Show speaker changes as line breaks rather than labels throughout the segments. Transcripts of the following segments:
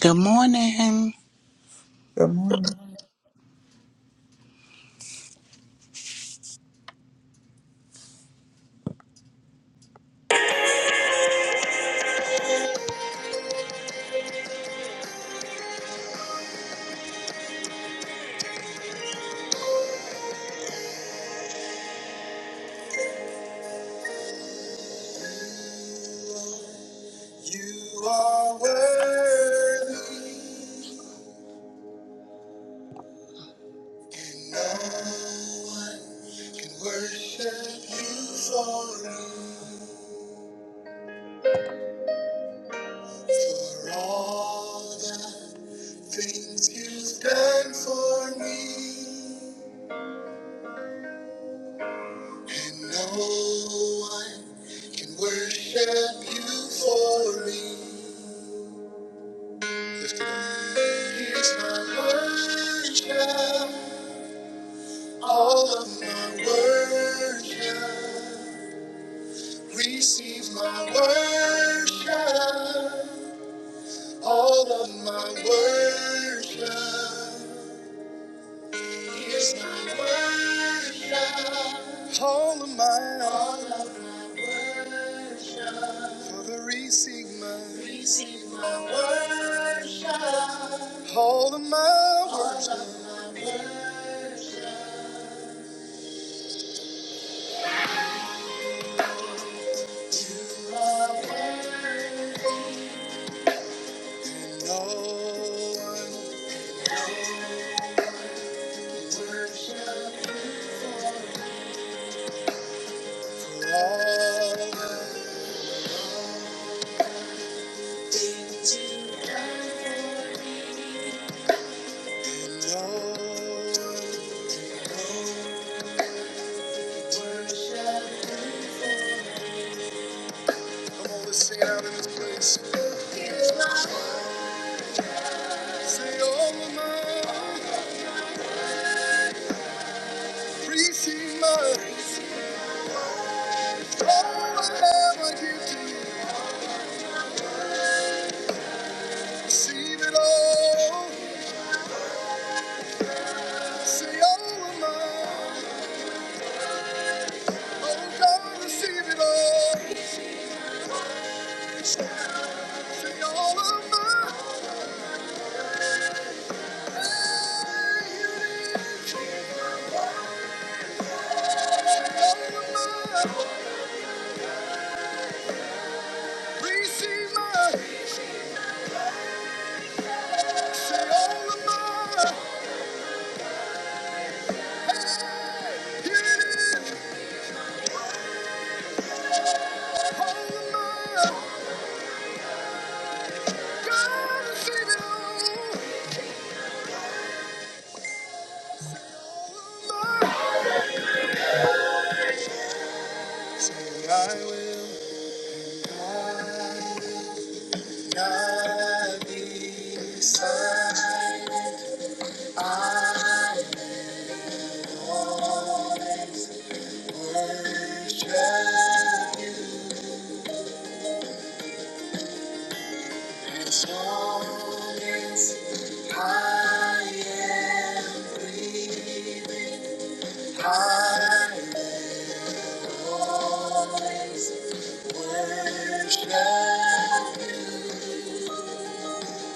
Good morning.
Good morning.
You are worthy, and no one can worship you for, me. for all the things you've done for me. And no one can worship you for me. Here's my worship. All of my worship, receive my worship. All of my worship, here's my worship. All of mine, all of mine. Father, receive my, receive my worship. All of my worship, all of my worship. And all I worship. Sing it out in this place. Say, oh, my say it all. Say, all of my, Oh, God, Receive it all. Say all of mine. I will not be silent. I always worship. you. As long as I am breathing, I always worship.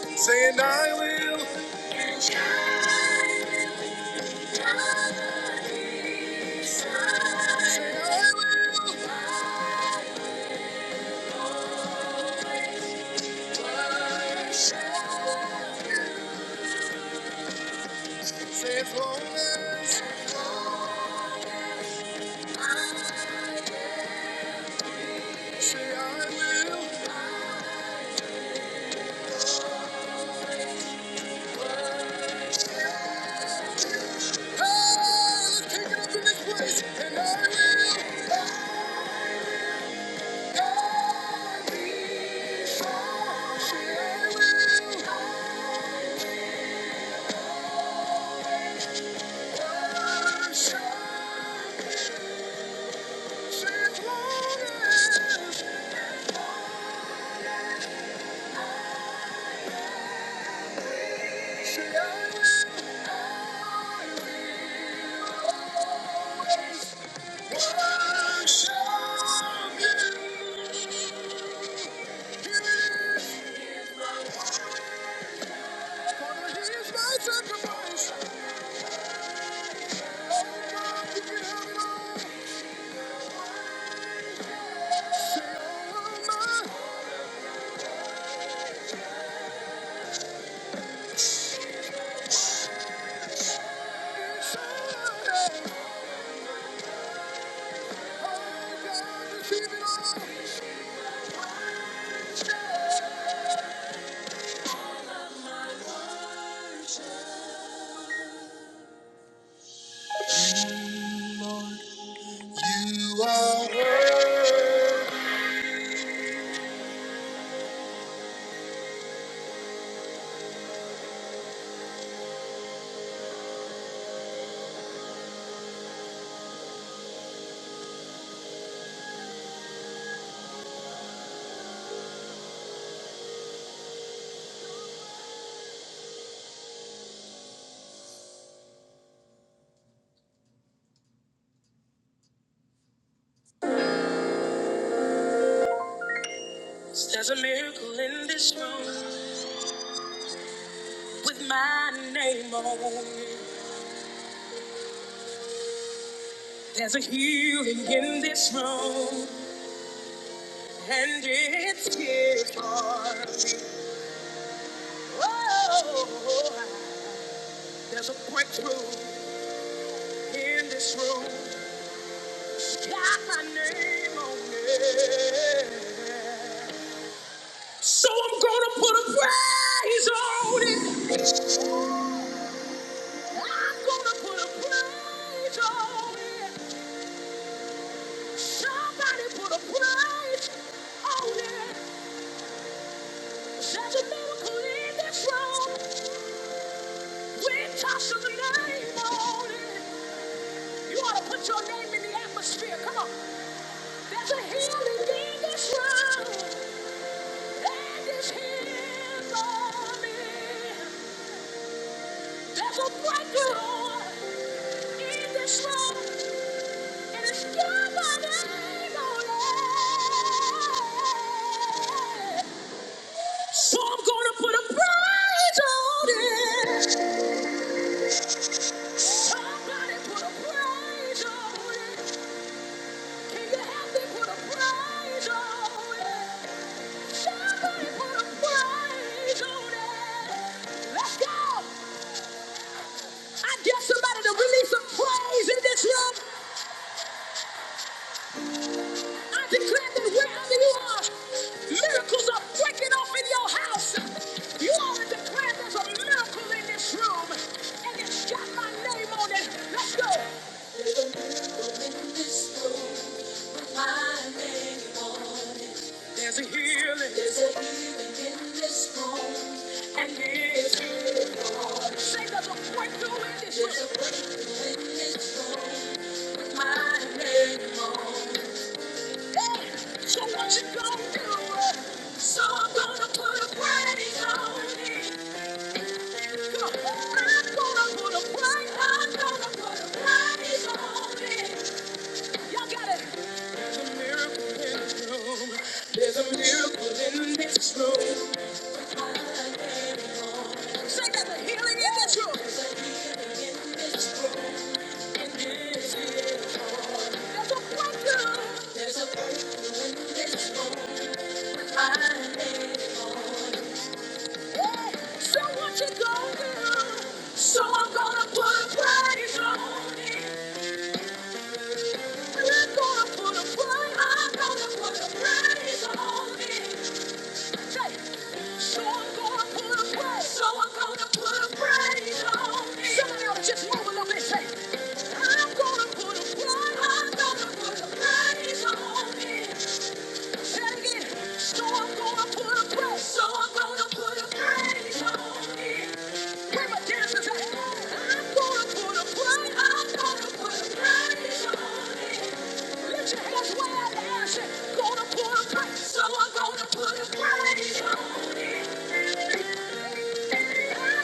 you. Say, and I will. And I will not be silent. Say, I will. I Worship. you. Say, as long as. Say, I will. Thank you. You are worthy. There's a miracle in this room with my name on it. There's a healing in this room, and it's here for me. Oh, there's a breakthrough in this room. Got my name on it. So I'm gonna put a praise on it. I'm gonna put a praise on it. Somebody put a price on it. There's a miracle in this room. We toss a name on it. You ought to put your name in the atmosphere. Come on. There's a healing in this room. And it's here for me. There's a breakthrough in this room. And it's got my name on it. So I'm gonna put a price on it. Somebody put a price on it. Can you help me put a price on it? Somebody put a price on it. Let's go. I dare somebody to release some praise in this room. I declare that wherever you are, miracles are breaking off in your house. You already declared there's a miracle in this room, and it's got my name on it. Let's go. There's a healing. There's a healing in this room. And it's here. Say there's a breakthrough in this room. There's a breakthrough in this room with my name on it. Hey, so what you gonna do? So I'm gonna put a praise on it. Come on. I'm gonna put a praise. I'm gonna put a praise on it. Y'all got it. Say there's a healing in this room. There's a breakthrough. There's my name. So what you gonna do? So I'm gonna put a price on it. I'm gonna put a price. I'm gonna put a price on it. Say, it. so I'm gonna put a price. So I'm gonna put a price on it. Somebody ought to just move a little bit. Say, it. I'm gonna put a price. I'm gonna put a price on it. So I'm gonna put a press, so I'm gonna put a praise on it. Where my dancers I'm gonna put a praise, I'm gonna put a praise on it. Lift your hands wide and say, gonna put a praise, so I'm gonna put a praise on it.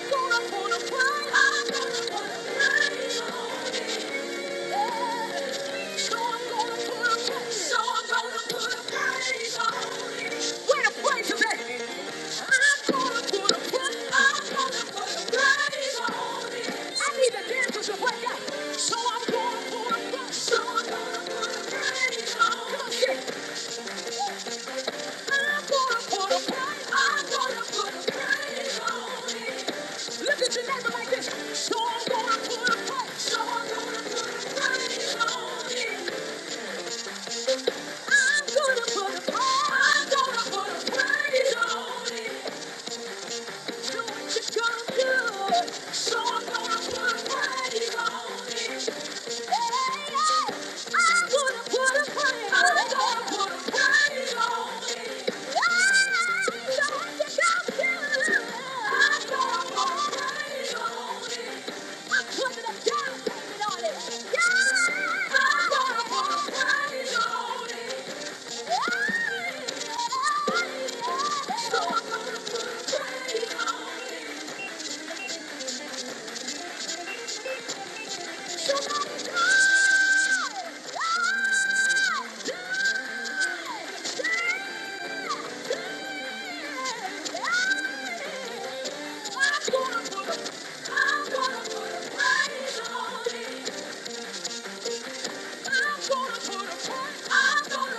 I'm gonna put a praise, I'm gonna put a praise on it. So I'm going for a bus. So I'm going for a ride. Look at your neighbor like this. So I'm gonna put a fight. So I'm gonna put a praise on it. I'm gonna put a I'm gonna put a praise on it. put it on it. Yeah! I wanna put a party on. I'm gonna I'm gonna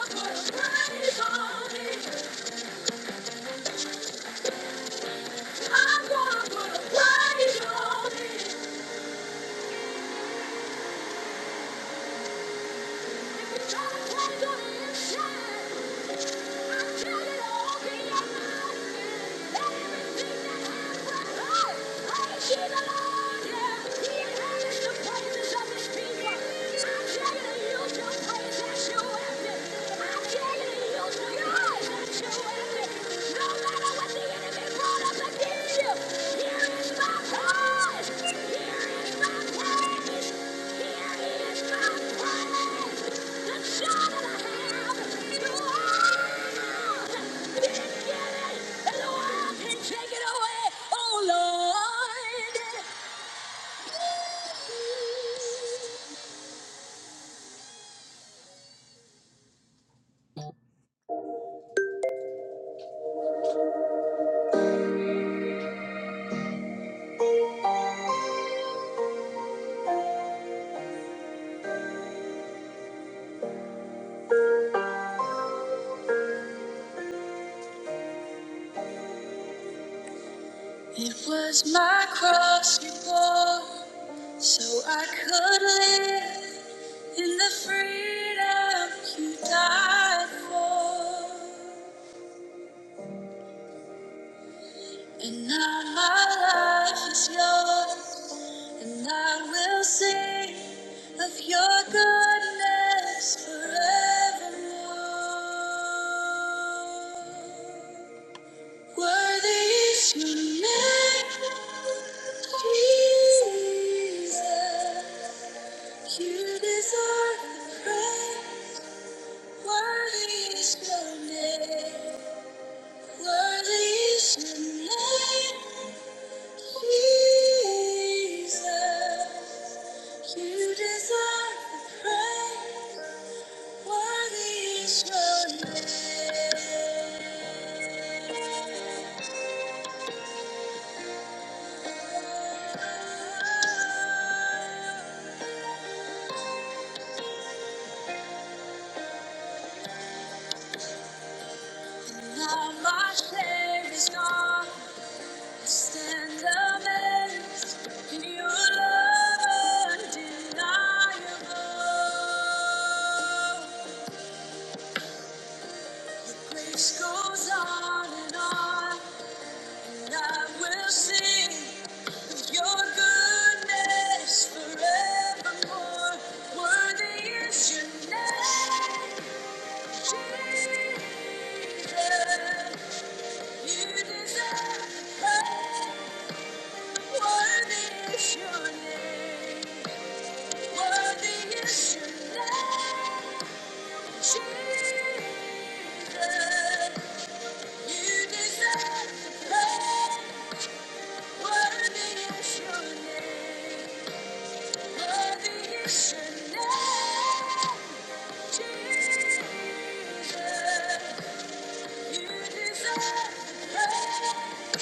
put a praise on it. I dare you to use your eyes as your weapon. No matter what the enemy Take it away, oh Lord. It was my cross you bore. So I could live in the freedom you died for. And now my life is yours, and I will sing of your goodness forevermore. Worthy is your name, Jesus. You deserve the praise. Worthy is your name. Worthy is your name, Jesus. You deserve the praise. Worthy is your name. Now my shame is gone. Stand amazed in your love undeniable. Your grace goes on and on, and I will sing of your goodness forevermore. Worthy is your name, Jesus. You deserve the praise. Worthy is your name. Worthy is your name, Jesus. You deserve the praise. Worthy is your name. Worthy is your name, Jesus. You deserve the praise.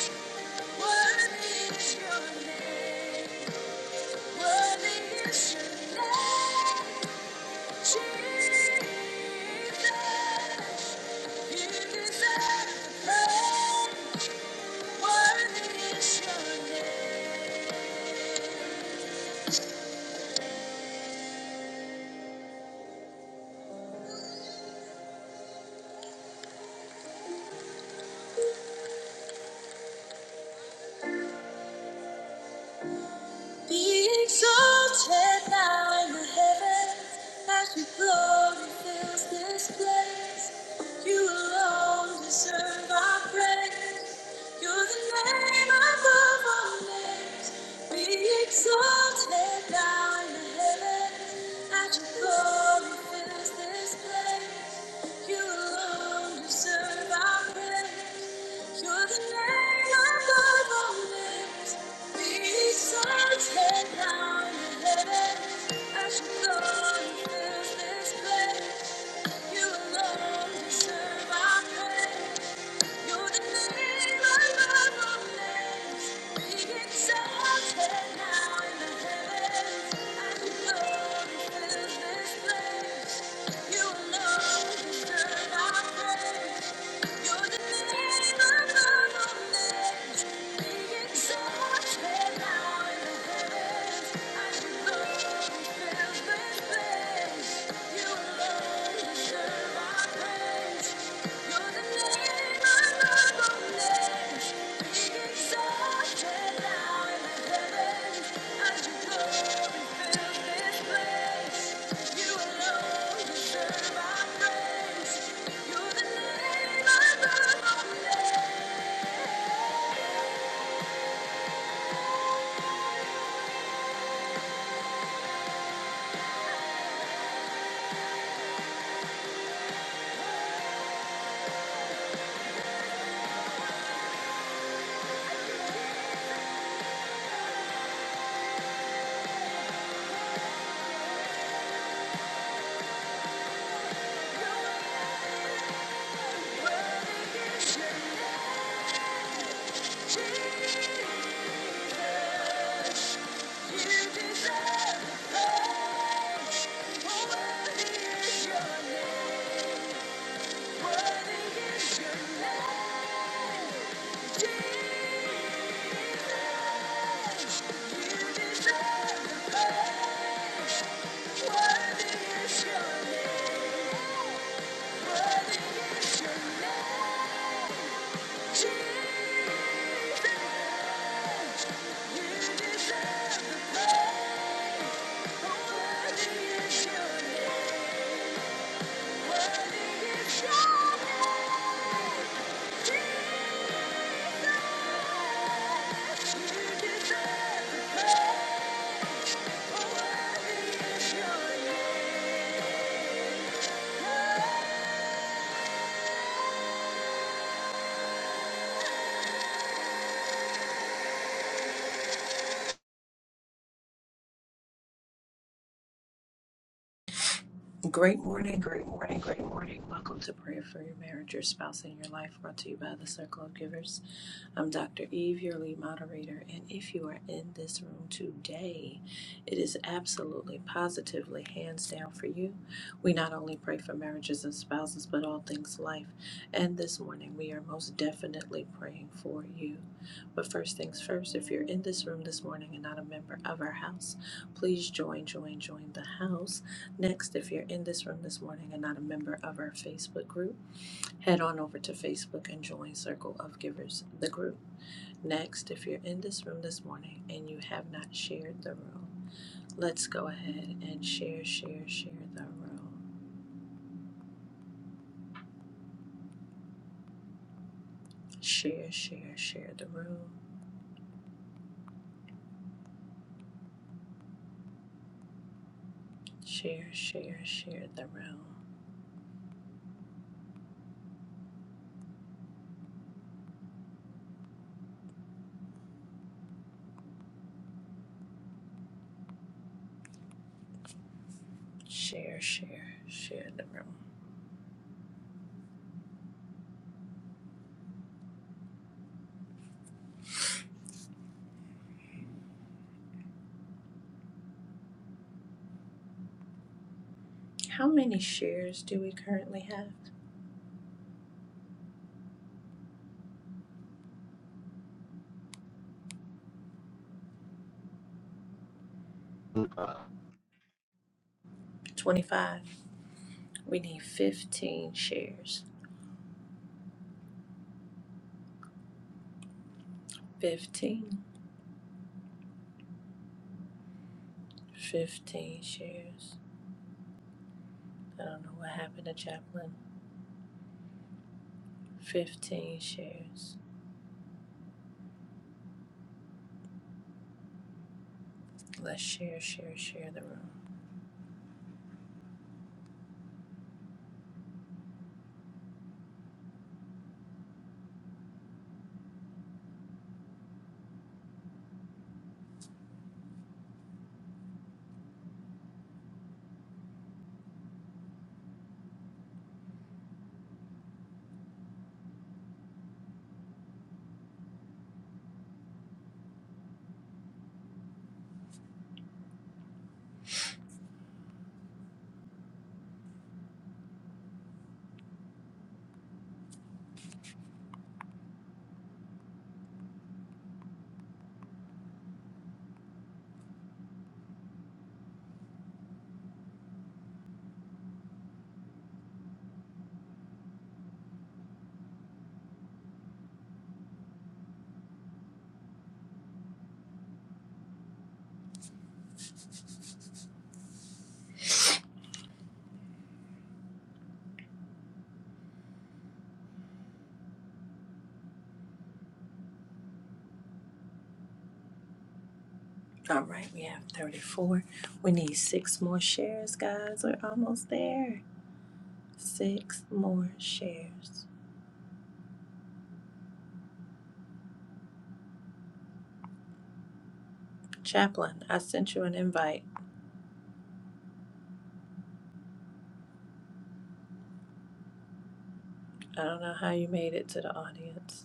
Worthy is your name. Worthy is your name, Jesus. Be exalted now in the heavens, as your glory fills this place. You alone deserve our praise. You're the name above all names. Be exalted now in the heavens. At your glory fills this place. You alone deserve our praise. You're the name above all names. Be exalted now in the At your glory fills this place. You alone deserve our praise. Be Exalted now in the heavens, and you glory Thank you. Worthy is your name.
Great morning, great morning, great morning. Welcome to Prayer for Your Marriage, Your Spouse, and Your Life, brought to you by the Circle of Givers. I'm Dr. Eve, your lead moderator, and if you are in this room today, it is absolutely positively hands down for you. We not only pray for marriages and spouses, but all things life. And this morning, we are most definitely praying for you. But first things first, if you're in this room this morning and not a member of our house, please join, join, join the house. Next, if you're in this room this morning and not a member of our Facebook group, head on over to Facebook and join Circle of Givers, the group. Next, if you're in this room this morning and you have not shared the room, let's go ahead and share, share, share the room. Share, share, share the room. Share, share, share the room. Share, share, share the room. How many shares do we currently have? 25. We need 15 shares. 15. 15 shares. I don't know what happened to Chaplain. 15 shares. Let's share, share, share the room. All right, we have 34. We need six more shares, guys. We're almost there. Six more shares. Chaplain, I sent you an invite. I don't know how you made it to the audience.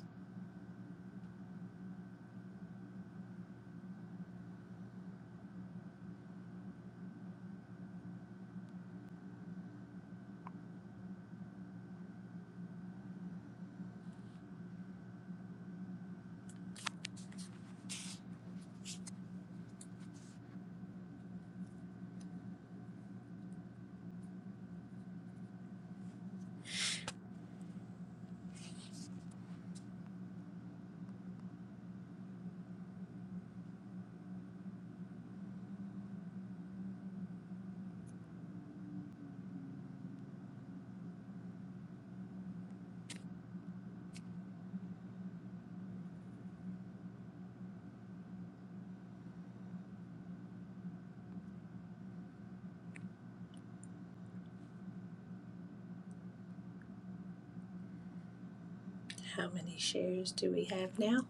How many shares do we have now?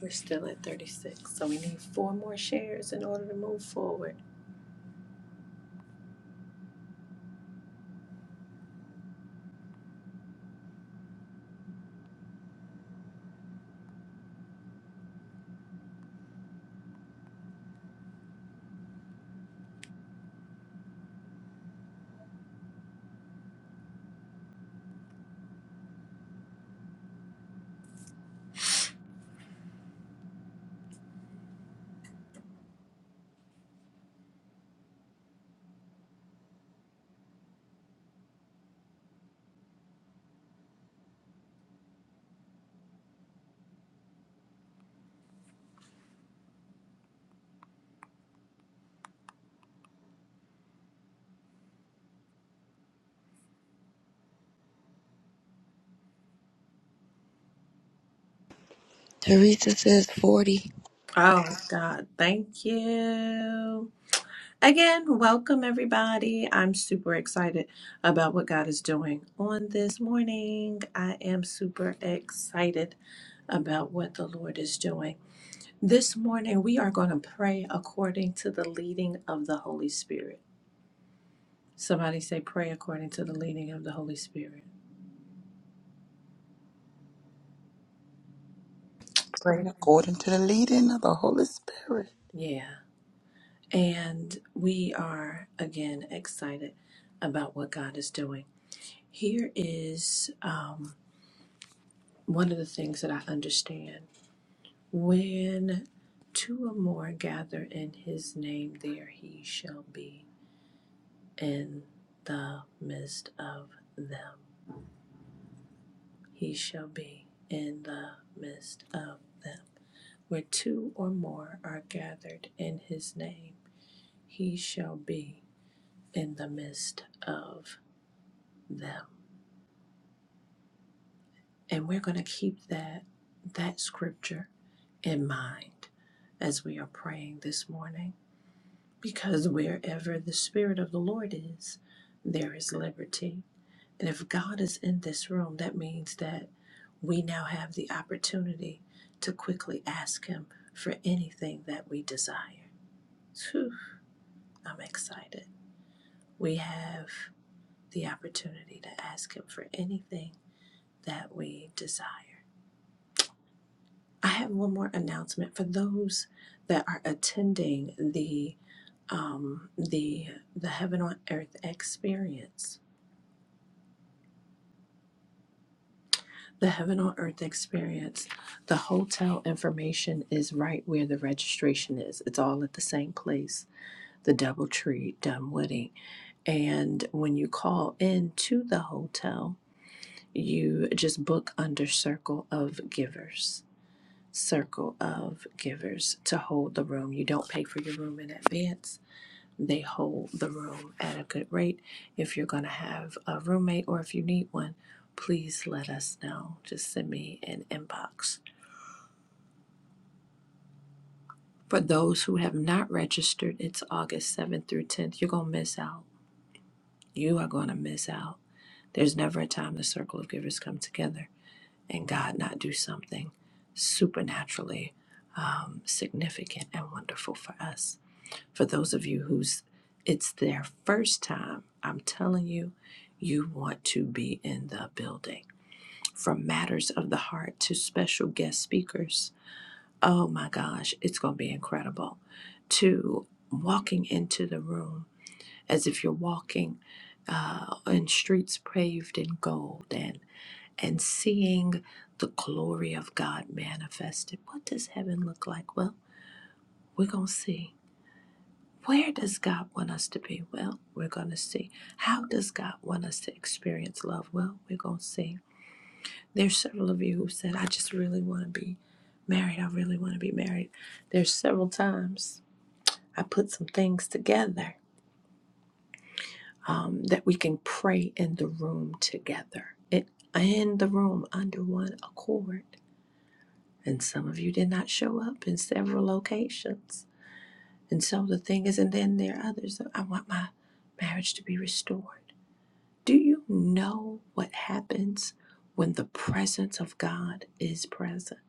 We're still at 36, so we need four more shares in order to move forward.
Teresa says forty.
Oh, God, thank you. Again, welcome everybody. I'm super excited about what God is doing on this morning. I am super excited about what the Lord is doing. This morning, we are going to pray according to the leading of the Holy Spirit. Somebody say, pray according to the leading of the Holy Spirit.
Pray
Pray.
according to the leading of the Holy Spirit.
Yeah. And we are, again, excited about what God is doing. Here is um, one of the things that I understand. When two or more gather in his name, there he shall be in the midst of them. He shall be in the midst of them. Where two or more are gathered in his name, he shall be in the midst of them. And we're going to keep that that scripture in mind as we are praying this morning Because wherever the Spirit of the Lord is, there is liberty. And if God is in this room, that means that we now have the opportunity to quickly ask Him for anything that we desire. Phew, I'm excited. We have the opportunity to ask Him for anything that we desire. I have one more announcement for those that are attending the um, the the Heaven on Earth experience The Heaven on Earth experience. The hotel information is right where the registration is. It's all at the same place, the Doubletree Dunwoody. And when you call in to the hotel, you just book under Circle of Givers. Circle of Givers to hold the room. You don't pay for your room in advance. They hold the room at a good rate. If you're going to have a roommate or if you need one, please let us know. Just send me an inbox. For those who have not registered, it's August 7th through 10th. You're going to miss out. You are going to miss out. There's never a time the circle of givers come together and God not do something supernaturally um, significant and wonderful for us. For those of you who's it's their first time, I'm telling you, you want to be in the building. From matters of the heart to special guest speakers. Oh my gosh, it's going to be incredible. To walking into the room as if you're walking uh, in streets paved in gold and and seeing the glory of God manifested. What does heaven look like? Well, we're going to see Where does God want us to be? Well, we're going to see. How does God want us to experience love? Well, we're going to see. There's several of you who said, I just really want to be married. I really want to be married. There's several times I put some things together um, that we can pray in the room together, it, in the room under one accord. And some of you did not show up in several locations. And so the thing is, and then there are others that I want my marriage to be restored. Do you know what happens when the presence of God is present?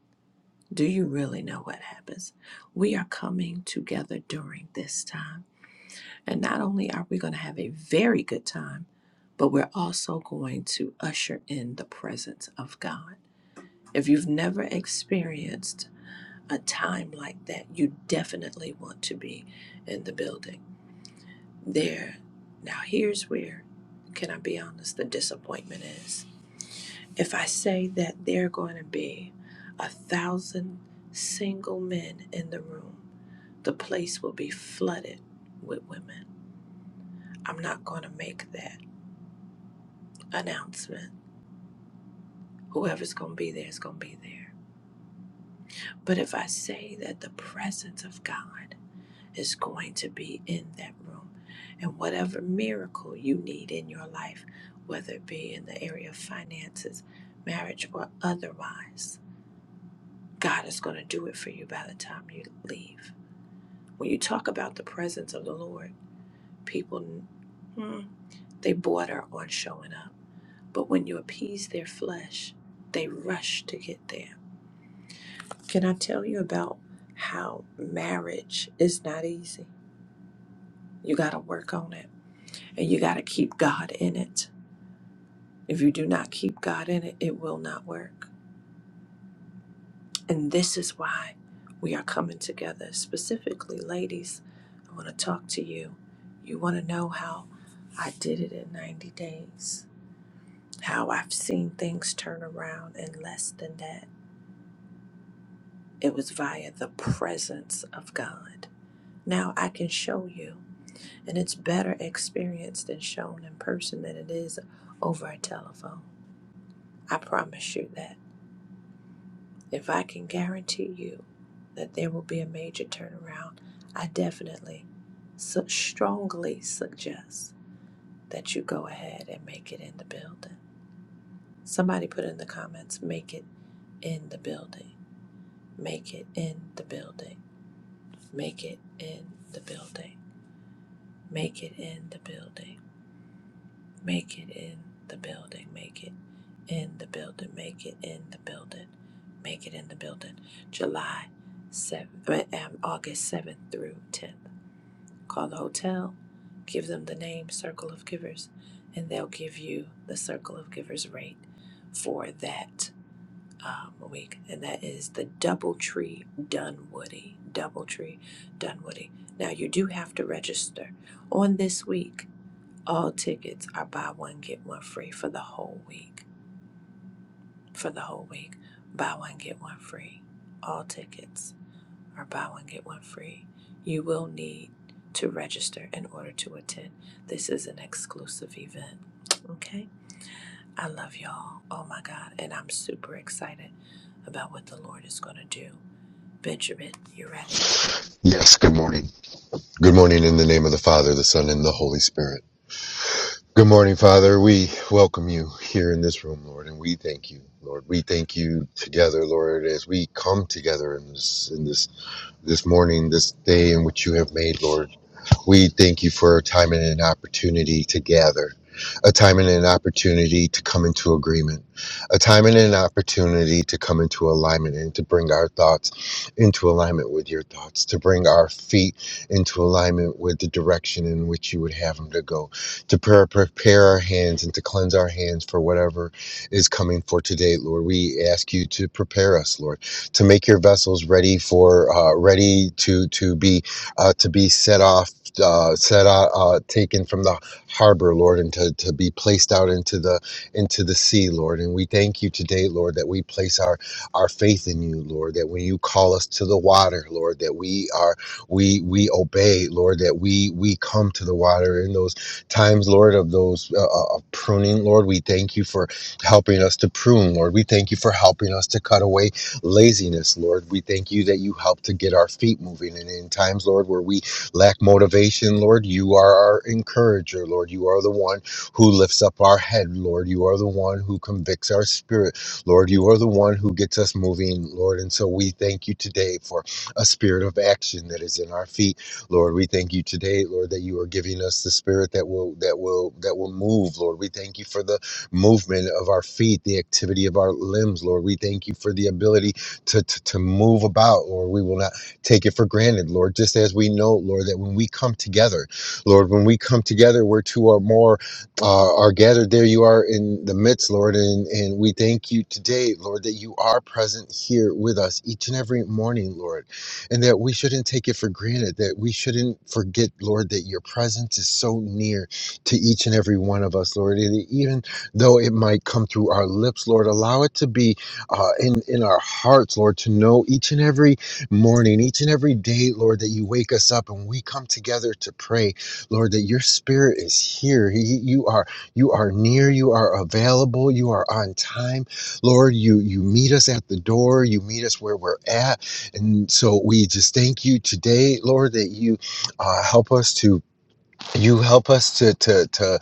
Do you really know what happens? We are coming together during this time. And not only are we going to have a very good time, but we're also going to usher in the presence of God. If you've never experienced a time like that, you definitely want to be in the building. There. Now, here's where, can I be honest, the disappointment is If I say that there are going to be a thousand single men in the room, the place will be flooded with women. I'm not going to make that announcement. Whoever's going to be there is going to be there. But if I say that the presence of God is going to be in that room, and whatever miracle you need in your life, whether it be in the area of finances, marriage, or otherwise, God is going to do it for you by the time you leave. When you talk about the presence of the Lord, people hmm, they border on showing up. But when you appease their flesh, they rush to get there. Can I tell you about how marriage is not easy? You got to work on it and you got to keep God in it. If you do not keep God in it, it will not work. And this is why we are coming together. Specifically, ladies, I want to talk to you. You want to know how I did it in 90 days. how I've seen things turn around in less than that. It was via the presence of God. Now I can show you, and it's better experienced and shown in person than it is over a telephone. I promise you that. If I can guarantee you that there will be a major turnaround, I definitely su- strongly suggest that you go ahead and make it in the building. Somebody put in the comments, make it in the building Make it in the building. Make it in the building. Make it in the building. Make it in the building. Make it in the building. Make it in the building. Make it in the building. July 7th, um, August 7th through 10th. Call the hotel, give them the name Circle of Givers, and they'll give you the Circle of Givers rate for that um, week, and that is the Doubletree Dunwoody. Doubletree Dunwoody. Now, you do have to register. On this week, all tickets are buy one, get one free for the whole week. For the whole week, buy one, get one free. All tickets are buy one, get one free. You will need to register in order to attend. This is an exclusive event. Okay? I love y'all. Oh my God. And I'm super excited about what the Lord is going to do. Benjamin, you ready?
Yes, good morning. Good morning in the name of the Father, the Son, and the Holy Spirit. Good morning, Father. We welcome you here in this room, Lord, and we thank you, Lord. We thank you together, Lord, as we come together in this in this this morning, this day in which you have made, Lord. We thank you for a time and an opportunity to gather, a time and an opportunity to come into agreement, a time and an opportunity to come into alignment and to bring our thoughts into alignment with your thoughts, to bring our feet into alignment with the direction in which you would have them to go, to pre- prepare our hands and to cleanse our hands for whatever is coming for today, Lord. We ask you to prepare us, Lord, to make your vessels ready for, uh, ready to, to be uh, to be set off uh, set out, uh, taken from the harbor, Lord, and to, to be placed out into the into the sea, Lord. And we thank you today, Lord, that we place our our faith in you, Lord. That when you call us to the water, Lord, that we are we we obey, Lord. That we we come to the water in those times, Lord, of those uh, uh, of pruning, Lord. We thank you for helping us to prune, Lord. We thank you for helping us to cut away laziness, Lord. We thank you that you help to get our feet moving. And in times, Lord, where we lack motivation, Lord, you are our encourager, Lord. You are the one who lifts up our head, Lord. You are the one who convicts our spirit, Lord. You are the one who gets us moving, Lord. And so we thank you today for a spirit of action that is in our feet, Lord. We thank you today, Lord, that you are giving us the spirit that will that will that will move, Lord. We thank you for the movement of our feet, the activity of our limbs, Lord. We thank you for the ability to to, to move about, Lord. We will not take it for granted, Lord, just as we know, Lord, that when we come together, Lord, when we come together, where two or more uh, are gathered, there you are in the midst, Lord. And, and we thank you today, Lord, that you are present here with us each and every morning, Lord, and that we shouldn't take it for granted, that we shouldn't forget, Lord, that your presence is so near to each and every one of us, Lord. And even though it might come through our lips, Lord, allow it to be uh, in, in our hearts, Lord, to know each and every morning, each and every day, Lord, that you wake us up and we come together to pray, Lord, that your spirit is here. He- You are you are near, you are available, you are on time. Lord, you you meet us at the door, you meet us where we're at. And so we just thank you today, Lord, that you uh, help us to you help us to to to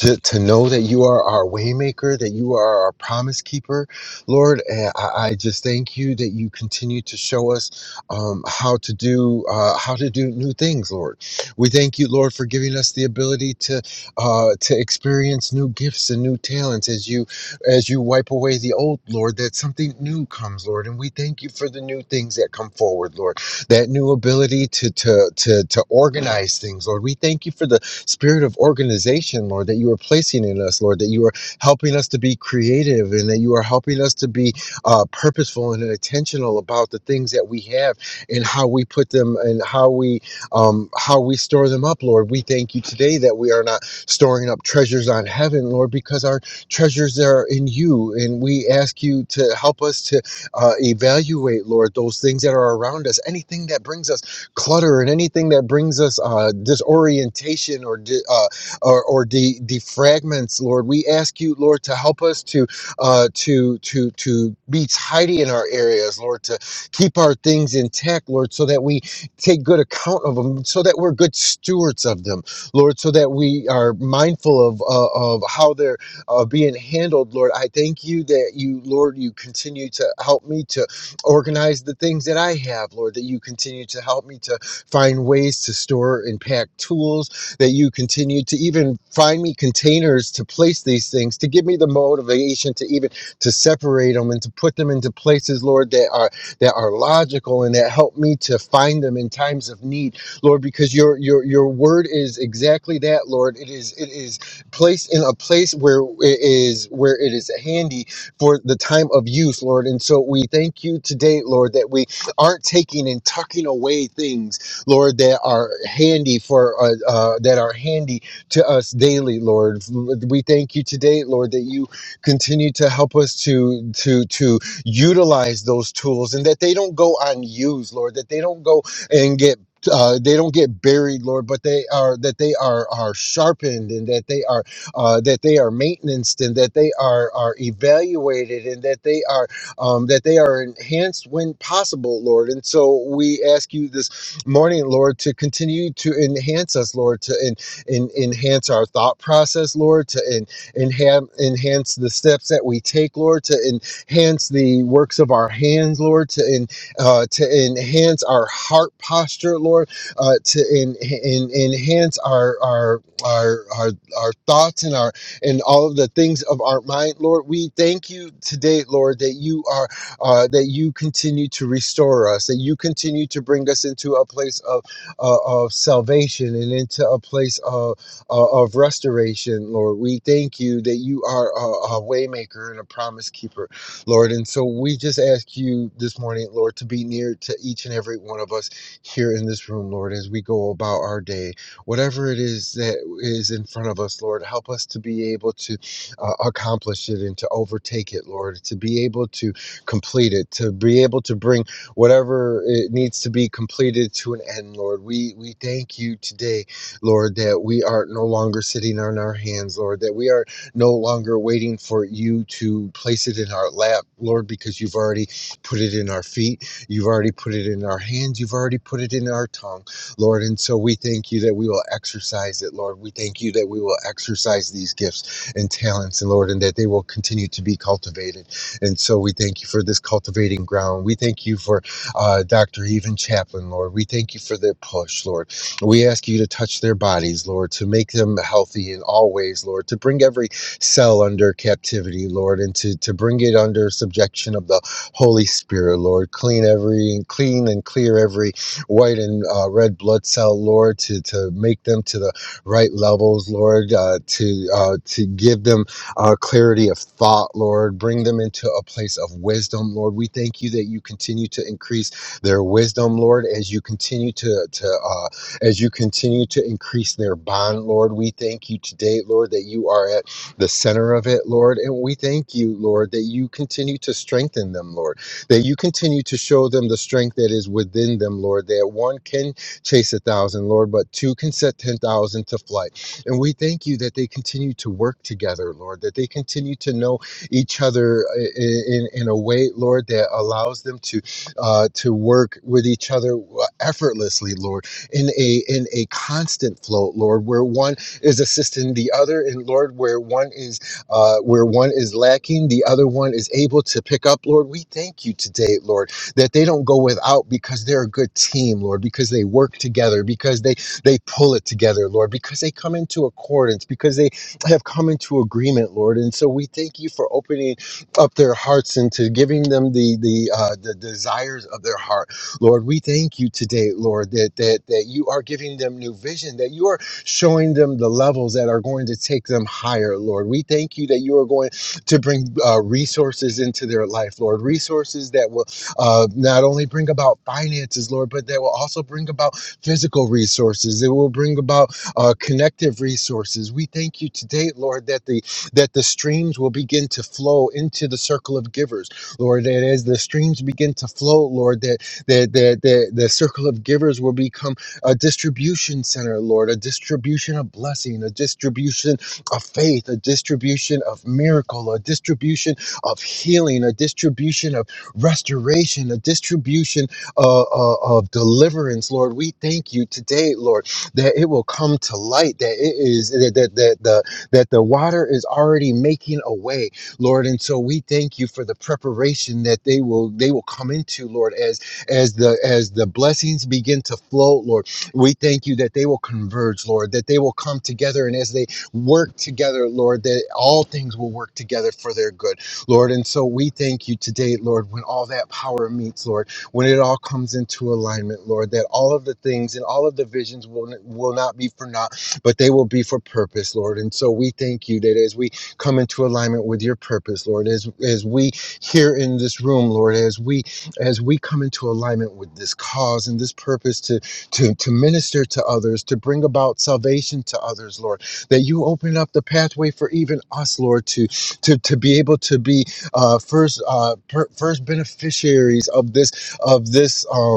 to, to know that you are our waymaker that you are our promise keeper lord and I, I just thank you that you continue to show us um, how to do uh, how to do new things lord we thank you lord for giving us the ability to uh, to experience new gifts and new talents as you as you wipe away the old lord that something new comes lord and we thank you for the new things that come forward lord that new ability to to to to organize things, Lord. We thank you for the spirit of organization, Lord, that you are placing in us, Lord, that you are helping us to be creative and that you are helping us to be uh, purposeful and intentional about the things that we have and how we put them and how we um, how we store them up, Lord. We thank you today that we are not storing up treasures on heaven, Lord, because our treasures are in you, and we ask you to help us to uh, evaluate, Lord, those things that are around us, anything that brings us clutter and anything that brings us uh, disorientation or di- uh, or, or de- defragments, Lord. We ask you, Lord, to help us to uh, to to to be tidy in our areas, Lord, to keep our things intact, Lord, so that we take good account of them, so that we're good stewards of them, Lord, so that we are mindful of uh, of how they're uh, being handled, Lord. I thank you that you, Lord, you continue to help me to organize the things that I have, Lord, that you continue to help me to find ways to store and pack tools, that you continue to even find me containers to place these things, to give me the motivation to even to separate them and to put them into places, Lord, that are that are logical and that help me to find them in times of need, Lord, because your your your word is exactly that, Lord. It is it is placed in a place where it is where it is handy for the time of use, Lord. And so we thank you today, Lord, that we aren't taking and tucking away things, Lord, that are handy for uh, uh, that are handy to us daily, Lord. We thank you today, Lord, that you continue to help us to to to utilize those tools and that they don't go unused, Lord, that they don't go and get. Uh, they don't get buried, Lord, but they are that they are are sharpened and that they are uh, that they are maintenanced and that they are are evaluated and that they are um, that they are enhanced when possible, Lord. And so we ask you this morning, Lord, to continue to enhance us, Lord, to en- en- enhance our thought process, Lord, to en- enhance enhance the steps that we take, Lord, to enhance the works of our hands, Lord, to en- uh, to enhance our heart posture, Lord, uh, to en- en- enhance our our our our our thoughts and our and all of the things of our mind lord we thank you today lord that you are uh, that you continue to restore us that you continue to bring us into a place of uh, of salvation and into a place of uh, of restoration lord we thank you that you are a, a waymaker and a promise keeper lord and so we just ask you this morning lord to be near to each and every one of us here in this room lord as we go about our day whatever it is that is in front of us, Lord, help us to be able to uh, accomplish it and to overtake it, Lord, to be able to complete it, to be able to bring whatever it needs to be completed to an end, Lord. We we thank you today, Lord, that we are no longer sitting on our hands, Lord, that we are no longer waiting for you to place it in our lap, Lord, because you've already put it in our feet, you've already put it in our hands, you've already put it in our tongue. Lord. And so we thank you that we will exercise it, Lord. We thank you that we will exercise these gifts and talents, and Lord, and that they will continue to be cultivated. And so we thank you for this cultivating ground. We thank you for uh, Dr. Even Chaplin, Lord. We thank you for their push, Lord. We ask you to touch their bodies, Lord, to make them healthy in all ways, Lord, to bring every cell under captivity, Lord, and to, to bring it under subjection of the Holy Spirit, Lord. Clean every clean and clear every white and uh, red blood cell, Lord, to, to make them to the right levels, Lord, uh, to uh, to give them uh, clarity of thought, Lord. Bring them into a place of wisdom, Lord. We thank you that you continue to increase their wisdom, Lord, as you continue to to uh, as you continue to increase their bond, Lord. We thank you today, Lord, that you are at the center of it, Lord, and we thank you, Lord, that you continue to strengthen them, Lord that you continue to show them the strength that is within them, Lord, that one can chase a thousand, Lord, but two can set 10,000 to flight. And we thank you that they continue to work together, Lord, that they continue to know each other i- i- in, in a way, Lord, that allows them to uh, to work with each other uh, effortlessly, Lord, in a in a constant flow, Lord, where one is assisting the other, and Lord, where one is uh, where one is lacking, the other one is able to pick up, Lord. We thank you today, Lord, that they don't go without because they're a good team, Lord, because they work together, because they they pull it together, Lord, because they come into accordance, because they have come into agreement, Lord. And so we thank you for opening up their hearts and to giving them the the uh, the desires of their heart, Lord. We thank you today, Lord, that that that you are giving them new vision, that you are showing them the levels that are going to take them higher, Lord. We thank you that you are going to bring uh, resources into their life, Lord, resources that will uh, not only bring about finances, Lord, but that will also bring about physical resources. It will bring about uh, connective resources. We thank you today, Lord, that the that the streams will begin to flow into the circle of givers, Lord. That as the streams begin to flow, Lord, that that that, that the circle of givers will become a distribution center, Lord, a distribution of blessing, a distribution of faith, a distribution of miracle, a distribution of healing, a distribution of restoration, a distribution uh, uh, of deliverance, Lord. We thank you today, Lord, that it will come to light, that it is that that, that the that the water is already making a way, Lord. And so we thank you for the preparation that they will they will come into, Lord, as as the as the blessings begin to flow, Lord we thank you that they will converge, Lord, that they will come together. And as they work together, Lord, that all things will work together for their good, Lord. And so we thank you today, Lord, when all that power meets, Lord, when it all comes into alignment, Lord, that all of the things and all of the visions will, will not be for naught, but they will be for purpose, Lord. And so we thank you that as we come into alignment with your purpose, Lord, as, as we here in this room, Lord, as we as we come into alignment with this cause and this purpose to to, to minister to others, to bring about salvation to others, Lord. That you open up the pathway for even us, Lord, to to, to be able to be uh, first uh, per, first beneficiaries of this of this. uh,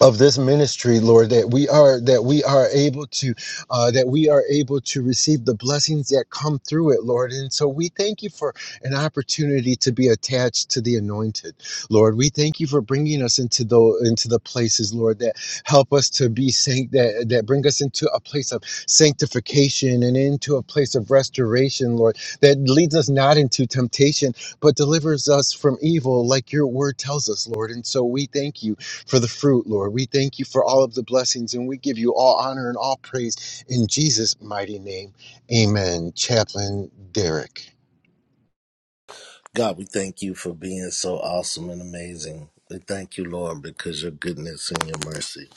of this ministry lord that we are that we are able to uh, that we are able to receive the blessings that come through it lord and so we thank you for an opportunity to be attached to the anointed lord we thank you for bringing us into the into the places lord that help us to be sanct that that bring us into a place of sanctification and into a place of restoration lord that leads us not into temptation but delivers us from evil like your word tells us lord and so we thank you for the fruit, Lord. We thank you for all of the blessings and we give you all honor and all praise in Jesus' mighty name. Amen. Chaplain Derek.
God, we thank you for being so awesome and amazing. We thank you, Lord, because your goodness and your mercy,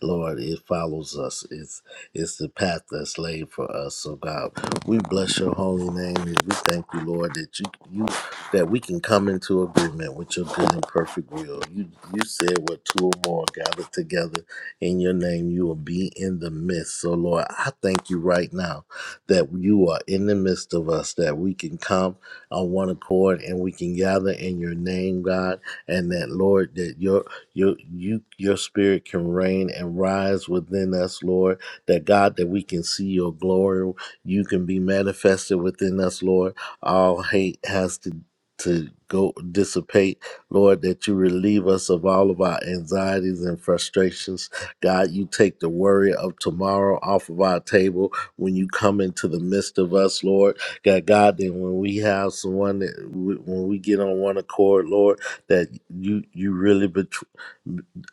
Lord, it follows us. It's it's the path that's laid for us. So God, we bless your holy name. and We thank you, Lord, that you you that we can come into agreement with your good and perfect will. You you said where two or more are gathered together in your name, you will be in the midst. So Lord, I thank you right now that you are in the midst of us, that we can come on one accord and we can gather in your name, God, and that Lord, that your your you your spirit can reign and rise within us, Lord. That God, that we can see your glory, you can be manifested within us, Lord. All hate has to to go dissipate, Lord, that you relieve us of all of our anxieties and frustrations. God, you take the worry of tomorrow off of our table when you come into the midst of us, Lord. God, God, that when we have someone that w- when we get on one accord, Lord, that you you really bet-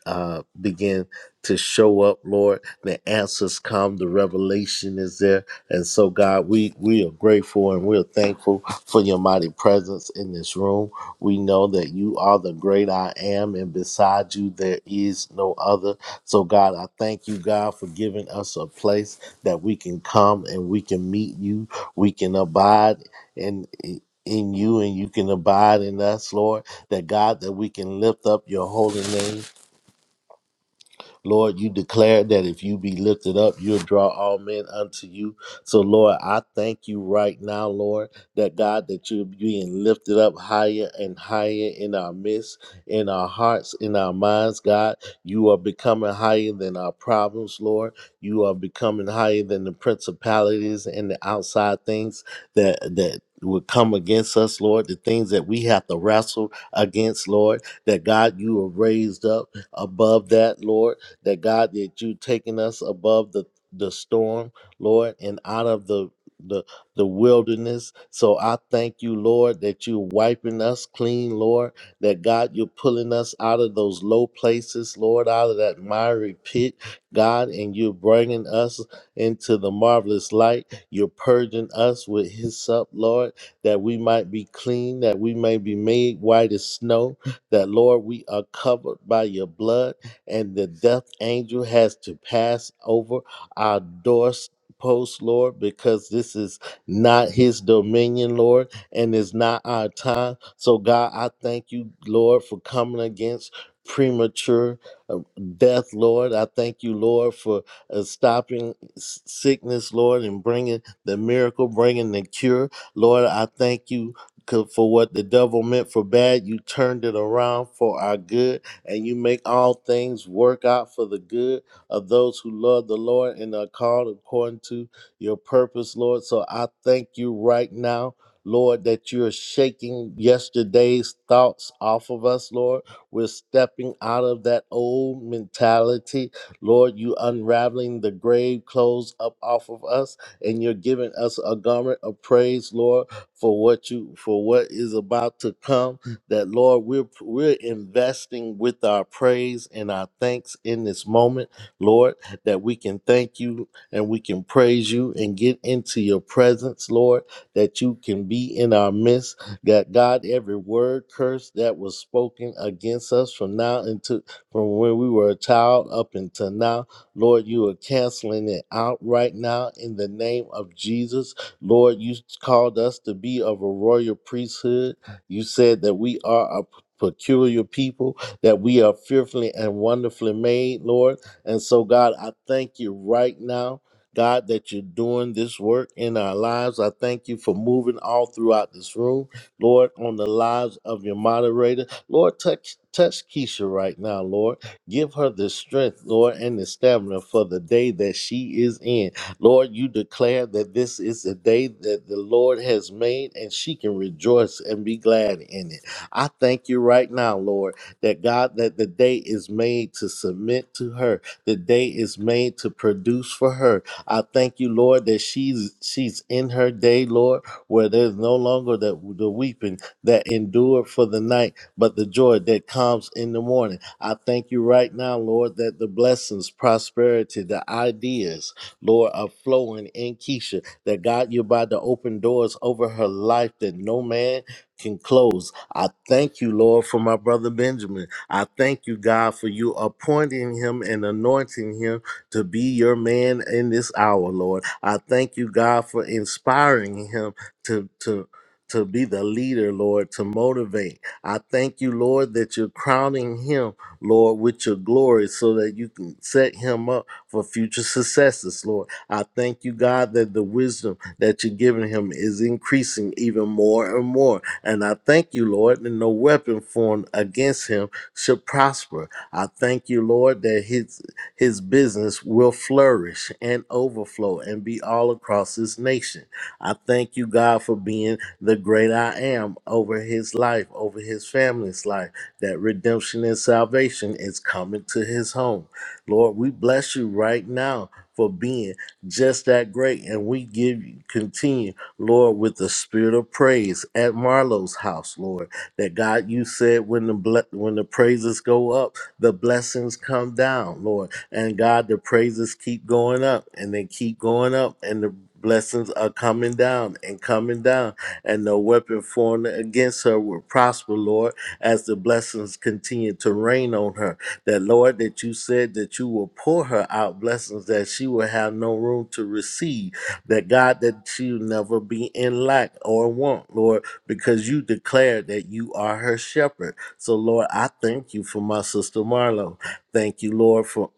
uh, begin to show up, Lord. The answers come, the revelation is there, and so God, we we are grateful and we're thankful for your mighty presence in this room. We know that you are the great I am, and beside you there is no other. So God, I thank you, God, for giving us a place that we can come and we can meet you we can abide in in you and you can abide in us, Lord. That God, that we can lift up your holy name Lord, you declare that if you be lifted up, you'll draw all men unto you. So, Lord, I thank you right now, Lord, that God, that you're being lifted up higher and higher in our midst, in our hearts, in our minds, God. You are becoming higher than our problems, Lord. You are becoming higher than the principalities and the outside things that, that, would come against us, Lord, the things that we have to wrestle against, Lord, that God, you are raised up above that, Lord that God that you taking us above the the storm, Lord, and out of the the the wilderness. So I thank you, Lord, that you are wiping us clean, Lord. That God, you're pulling us out of those low places, Lord, out of that miry pit, God, and you're bringing us into the marvelous light. You're purging us with hyssop, Lord, that we might be clean, that we may be made white as snow. That Lord, we are covered by your blood and the death angel has to pass over our doorposts, Lord, because this is not his dominion, Lord, and it's not our time. So, God, I thank you, Lord, for coming against premature uh, death, Lord. I thank you, Lord, for uh, stopping s- sickness, Lord, and bringing the miracle, bringing the cure. Lord, I thank you 'cause for what the devil meant for bad. You turned it around for our good and you make all things work out for the good of those who love the Lord and are called according to your purpose, Lord. So I thank you right now. Lord, that you're shaking yesterday's thoughts off of us, Lord. We're stepping out of that old mentality. Lord, you unraveling the grave clothes up off of us, and you're giving us a garment of praise, Lord, for what you for what is about to come that Lord, we're we're investing with our praise and our thanks in this moment, Lord, that we can thank you and we can praise you and get into your presence, Lord, that you can be in our midst. That God, every word curse that was spoken against us from now into from when we were a child up until now, Lord, you are canceling it out right now in the name of Jesus. Lord, you called us to be of a royal priesthood you said that we are a peculiar people, that we are fearfully and wonderfully made, Lord. And so, God, I thank you right now. God, that you're doing this work in our lives. I thank you for moving all throughout this room, Lord, on the lives of your moderator. Lord, touch touch Keisha right now, Lord. Give her the strength, Lord, and the stamina for the day that she is in. Lord, you declare that this is the day that the Lord has made, and she can rejoice and be glad in it. I thank you right now, Lord, that God, that the day is made to submit to her. The day is made to produce for her. I thank you, Lord, that she's she's in her day, Lord, where there's no longer that the weeping that endured for the night, but the joy that comes in the morning. I thank you right now, Lord, that the blessings, prosperity, the ideas, Lord, are flowing in Keisha. That God, you're about to open doors over her life that no man can close. I thank you, Lord, for my brother Benjamin. I thank you, God, for you appointing him and anointing him to be your man in this hour, Lord. I thank you, God, for inspiring him to to to be the leader, Lord, to motivate. I thank you, Lord, that you're crowning him, Lord, with your glory so that you can set him up for future successes, Lord. I thank you, God, that the wisdom that you're giving him is increasing even more and more. And I thank you, Lord, that no weapon formed against him should prosper. I thank you, Lord, that his his business will flourish and overflow and be all across this nation. I thank you, God, for being the great I am over his life, over his family's life, that redemption and salvation is coming to his home. Lord, we bless you right now for being just that great. And we give you, continue, Lord, with the spirit of praise at Marlowe's house, Lord, that God, you said when the, ble- when the praises go up, the blessings come down, Lord. And God, the praises keep going up and they keep going up and the blessings are coming down and coming down and no weapon formed against her will prosper, Lord, as the blessings continue to rain on her that Lord, that you said that you will pour her out blessings that she will have no room to receive. That God, that she'll never be in lack or want, Lord, because you declared that you are her shepherd. So, Lord, I thank you for my sister Marlo. Thank you, Lord, for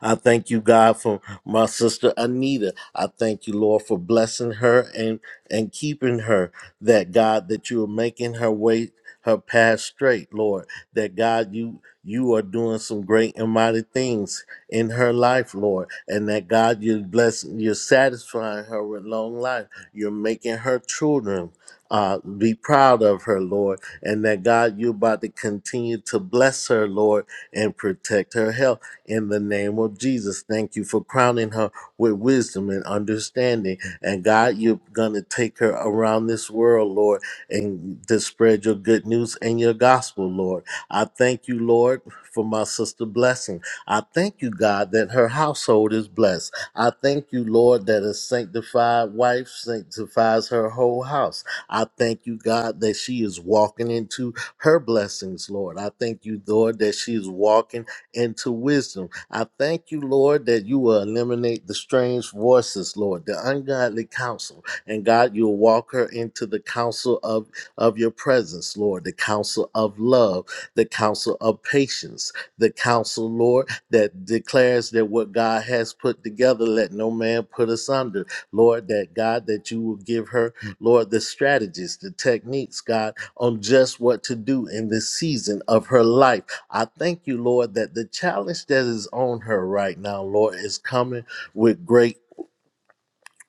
I thank you, God, for my sister Anita. I thank you, Lord, for blessing her and and keeping her. That God, that you are making her way her path straight, Lord. That God, you you are doing some great and mighty things in her life, Lord. And that God, you're blessing, you're satisfying her with long life. You're making her children uh, be proud of her, Lord. And that God, you're about to continue to bless her, Lord, and protect her health in the name of Jesus. Thank you for crowning her with wisdom and understanding. And God, you're going to take her around this world, Lord, and to spread your good news and your gospel, Lord. I thank you, Lord, for my sister blessing. I thank you, God, that her household is blessed. I thank you, Lord, that a sanctified wife sanctifies her whole house. I thank you, God, that she is walking into her blessings, Lord. I thank you, Lord, that she is walking and to wisdom. I thank you, Lord, that you will eliminate the strange voices, Lord, the ungodly counsel. And God, you'll walk her into the counsel of, of your presence, Lord, the counsel of love, the counsel of patience, the counsel, Lord, that declares that what God has put together, let no man put us under. Lord, that God, that you will give her, Lord, the strategies, the techniques, God, on just what to do in this season of her life I thank you, Lord, that the challenge that is on her right now, Lord, is coming with great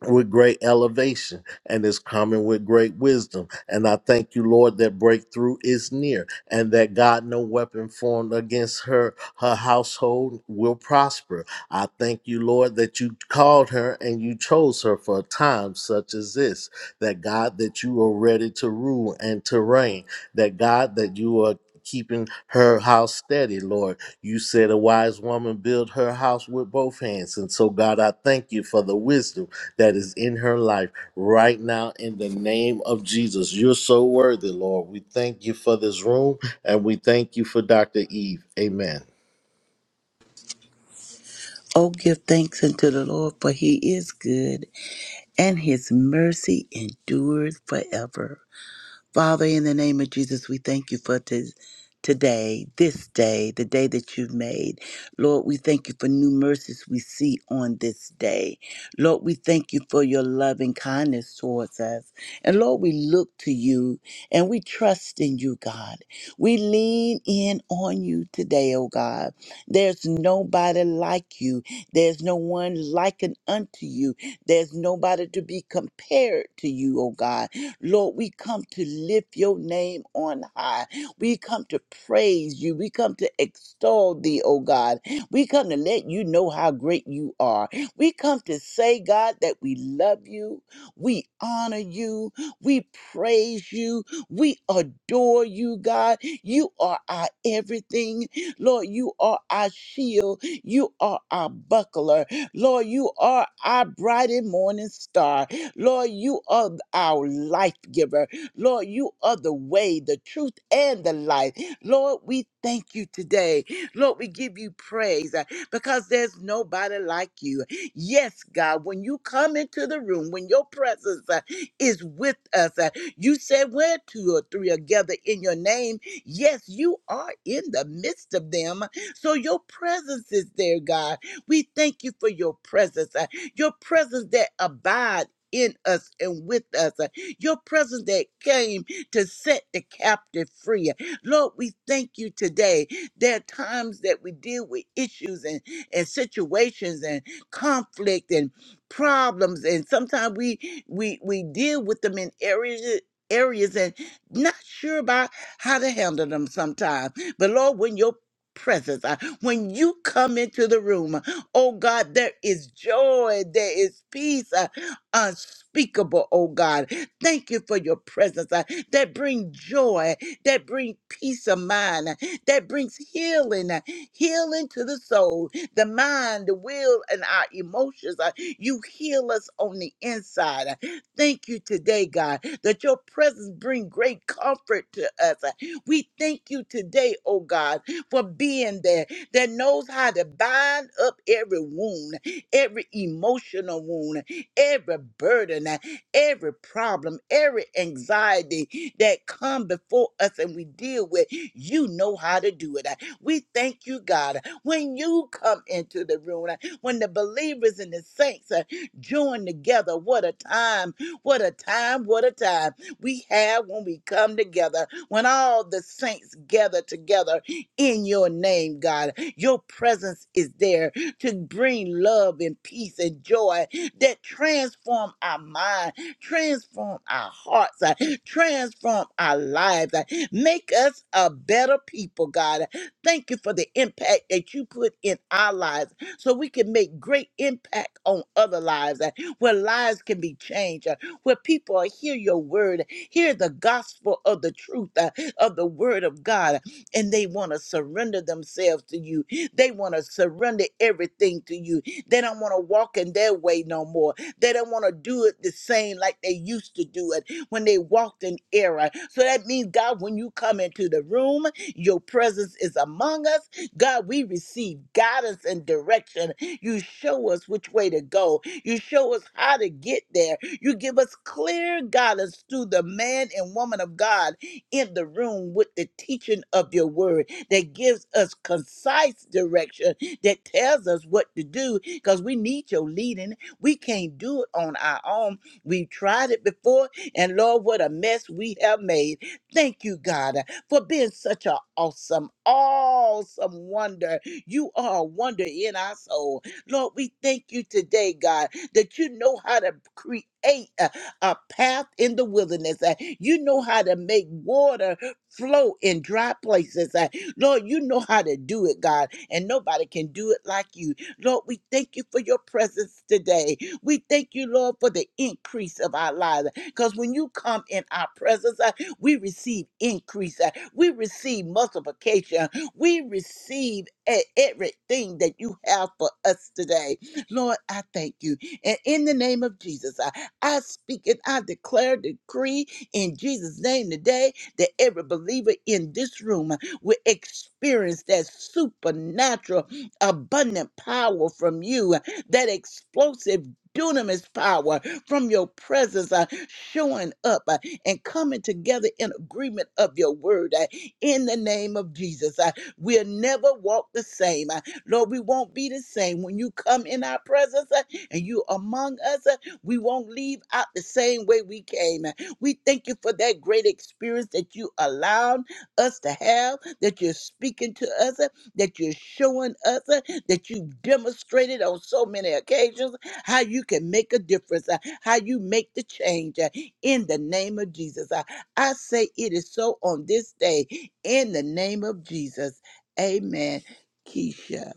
with great elevation and is coming with great wisdom. And I thank you, Lord, that breakthrough is near and that God, no weapon formed against her, her household will prosper. I thank you, Lord, that you called her and you chose her for a time such as this. That God, that you are ready to rule and to reign. That God, that you are keeping her house steady, Lord. You said a wise woman built her house with both hands. And so, God, I thank you for the wisdom that is in her life right now in the name of Jesus. You're so worthy, Lord. We thank you for this room and we thank you for Dr. Eve. Amen.
Oh, give thanks unto the Lord, for he is good, and his mercy endures forever. Father, in the name of Jesus, we thank you for t- today, this day, the day that you've made. Lord, we thank you for new mercies we see on this day. Lord, we thank you for your loving kindness towards us. And Lord, we look to you and we trust in you, God. We lean in on you today, oh God. There's nobody like you. There's no one likened unto you. There's nobody to be compared to you, oh God. Lord, we come to lift your name on high. We come to praise you. We come to extol thee, oh God. We come to let you know how great you are. We come to say, God, that we love you. We honor you. We praise you. We adore you, God. You are our everything. Lord, you are our shield. You are our buckler. Lord, you are our bright and morning star. Lord, you are our life giver. Lord, you are the way, the truth, and the life. Lord, we thank you today. Lord, we give you praise uh, because there's nobody like you. Yes, God, when you come into the room, when your presence uh, is with us, uh, you said where two or three are gathered in your name. Yes, you are in the midst of them. So your presence is there, God. We thank you for your presence. uh, Your presence that abides in us and with us. Uh, Your presence that came to set the captive free. Lord, we thank you today. There are times that we deal with issues and, and situations and conflict and problems, and sometimes we we we deal with them in areas areas and not sure about how to handle them sometimes. But Lord, when your presence, uh, when you come into the room, oh God, there is joy, there is peace, uh, unspeakable, oh God. Thank you for your presence uh, that bring joy, that bring peace of mind, uh, that brings healing, uh, healing to the soul, the mind, the will, and our emotions. uh, You heal us on the inside. uh. Thank you today, God, that your presence bring great comfort to us. uh. We thank you today, oh God, for being there that knows how to bind up every wound, every emotional wound, every burden, uh, every problem, every anxiety that come before us and we deal with. You know how to do it. Uh, We thank you, God. When you come into the room, uh, when the believers and the saints uh, join together, what a time, what a time, what a time we have when we come together, when all the saints gather together in your name, God. Your presence is there to bring love and peace and joy that transform our mind, transform our hearts, uh, transform our lives, uh, make us a better people, God. Thank you for the impact that you put in our lives so we can make great impact on other lives, uh, where lives can be changed, uh, where people hear your word, hear the gospel of the truth uh, of the word of God, and they want to surrender themselves to you. They want to surrender everything to you. They don't want to walk in their way no more. They don't want to do it the same like they used to do it when they walked in error. So that means, God, when you come into the room, your presence is among us. God, we receive guidance and direction. You show us which way to go. You show us how to get there. You give us clear guidance through the man and woman of God in the room with the teaching of your word that gives us concise direction that tells us what to do because we need your leading. We can't do it on our own. We've tried it before, and Lord, what a mess we have made. Thank you, God, for being such an awesome, awesome wonder. You are a wonder in our soul. Lord, we thank you today, God, that you know how to create. A, a path in the wilderness. Uh, You know how to make water flow in dry places. Uh, Lord, you know how to do it, God, and nobody can do it like you. Lord, we thank you for your presence today. We thank you, Lord, for the increase of our lives. Because when you come in our presence, uh, we receive increase, uh, we receive multiplication, we receive e- everything that you have for us today. Lord, I thank you. And in the name of Jesus, I, I speak and I declare, decree in Jesus' name today that every believer in this room will experience that supernatural abundant power from you, that explosive dunamis power from your presence uh, showing up uh, and coming together in agreement of your word uh, in the name of Jesus. Uh, we'll never walk the same. Uh, Lord, we won't be the same. When you come in our presence uh, and you among us, uh, we won't leave out the same way we came. Uh, We thank you for that great experience that you allowed us to have, that you're speaking to us that you're showing us, uh, that you've demonstrated on so many occasions how you can make a difference, uh, how you make the change uh, in the name of Jesus. Uh, I say it is so on this day in the name of Jesus. Amen. Keisha,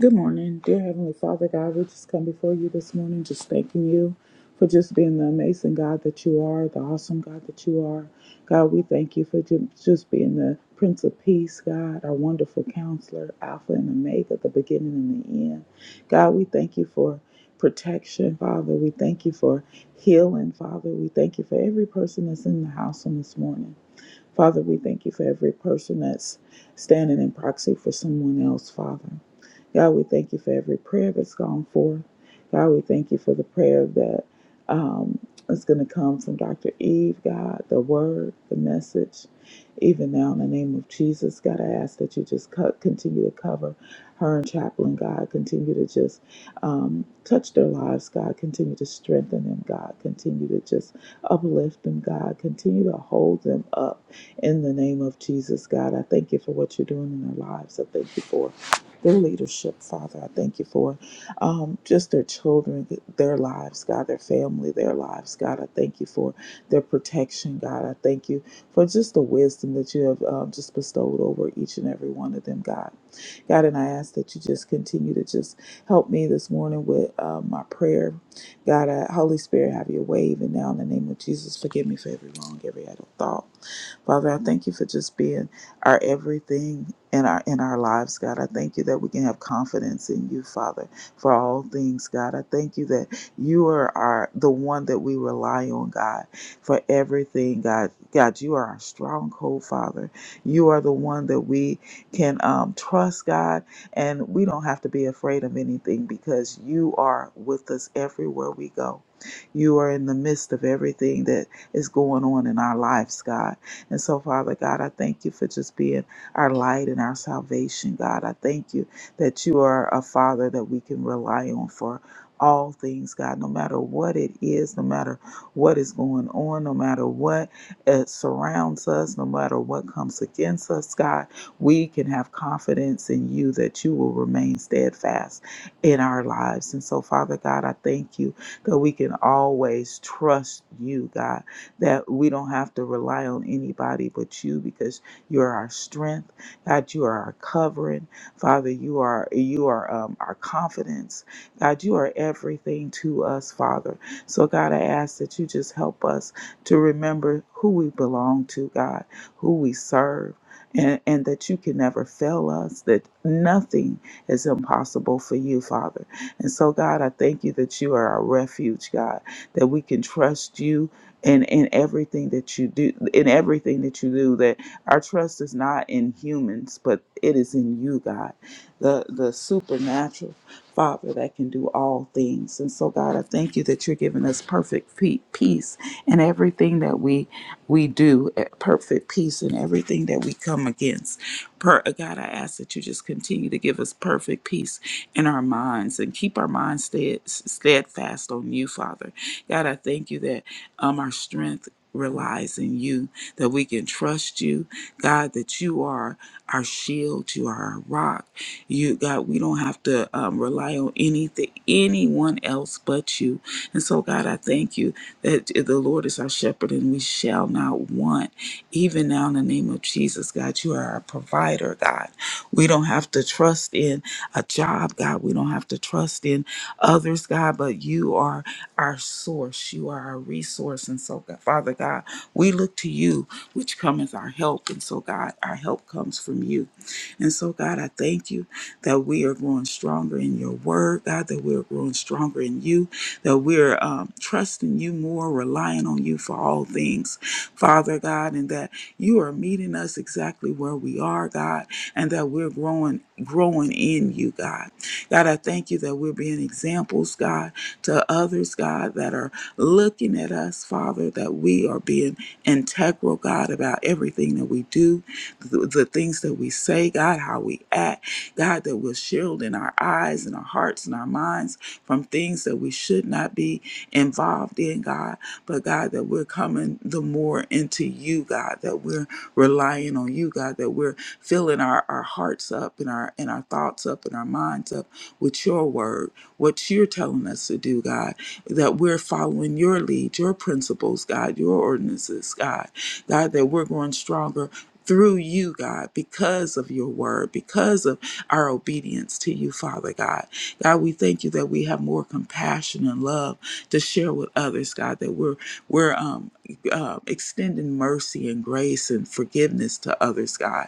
Good morning, dear Heavenly Father God. We just come before you this morning, just thanking you for just being the amazing God that you are, the awesome God that you are. God, we thank you for ju- just being the Prince of Peace, God, our wonderful counselor, Alpha and Omega, the beginning and the end. God, we thank you for protection, Father. We thank you for healing, Father. We thank you for every person that's in the house on this morning. Father, we thank you for every person that's standing in proxy for someone else, Father. God, we thank you for every prayer that's gone forth. God, we thank you for the prayer that um, is going to come from Dr. Eve, God, the word, the message. Even now, in the name of Jesus, God, I ask that you just co- continue to cover her and Chaplain, God. Continue to just um, touch their lives, God. Continue to strengthen them, God. Continue to just uplift them, God. Continue to hold them up in the name of Jesus, God. I thank you for what you're doing in their lives. I thank you for their leadership, Father. I thank you for um, just their children, their lives, God, their family, their lives, God. I thank you for their protection, God. I thank you for just the wisdom that you have um, just bestowed over each and every one of them, God. God, and I ask that you just continue to just help me this morning with uh, my prayer. God, uh, Holy Spirit, have your way even now in the name of Jesus. Forgive me for every wrong, every idle thought. Father, I thank you for just being our everything in our in our lives, God. I thank you that we can have confidence in you, Father, for all things, God. I thank you that you are our the one that we rely on, God, for everything, God. God, you are our stronghold, Father. You are the one that we can um, trust God, and we don't have to be afraid of anything because you are with us everywhere we go. You are in the midst of everything that is going on in our lives, God. And so, Father God, I thank you for just being our light and our salvation, God. I thank you that you are a Father that we can rely on for all things, God, no matter what it is, no matter what is going on, no matter what uh, surrounds us, no matter what comes against us, God we can have confidence in you that you will remain steadfast in our lives. And so, Father God, I thank you that we can always trust you, God, that we don't have to rely on anybody but you because you're our strength. God, you are our covering. Father, you are you are um, our confidence. God, you are everything to us, Father. So, God, I ask that you just help us to remember who we belong to, God, who we serve and, and that you can never fail us, that nothing is impossible for you, Father. And so, God, I thank you that you are our refuge, God, that we can trust you. In, in everything that you do, in everything that you do, that our trust is not in humans, but it is in you, God, the the supernatural Father that can do all things. And so, God, I thank you that you're giving us perfect pe- peace in everything that we we do at perfect peace in everything that we come against. Per- uh, God, I ask that you just continue to give us perfect peace in our minds and keep our minds stead- steadfast on you, Father. God, I thank you that um, our strength relies in you, that we can trust you, God, that you are our shield, you are our rock. You, God, we don't have to um, rely on anything, anyone else but you. And so, God, I thank you that the Lord is our shepherd and we shall not want. Even now, in the name of Jesus, God, you are our provider, God. We don't have to trust in a job, God. We don't have to trust in others, God, but you are our source. You are our resource. And so, God, Father God, we look to you, which cometh our help. And so, God, our help comes from you. And so, God, I thank you that we are growing stronger in your word, God, that we are growing stronger in you that we're um, trusting you more, relying on you for all things, Father God, and that you are meeting us exactly where we are, God, and that we're growing, growing in you, God. God, I thank you that we're being examples, God, to others, God, that are looking at us, Father, that we are being integral, God, about everything that we do, the, the things that we say, God, how we act, God, that we're shielding our eyes and our hearts and our minds from things that we should not be involved in, God. But God, that we're coming the more into you, God, that we're relying on you, God, that we're filling our, our hearts up and our and our thoughts up and our minds up with your word, what you're telling us to do, God, that we're following your lead, your principles, God, your ordinances, God, God, that we're growing stronger through you, God, because of your word, because of our obedience to you, Father God. God, we thank you that we have more compassion and love to share with others, God, that we're we're um, uh, extending mercy and grace and forgiveness to others, God.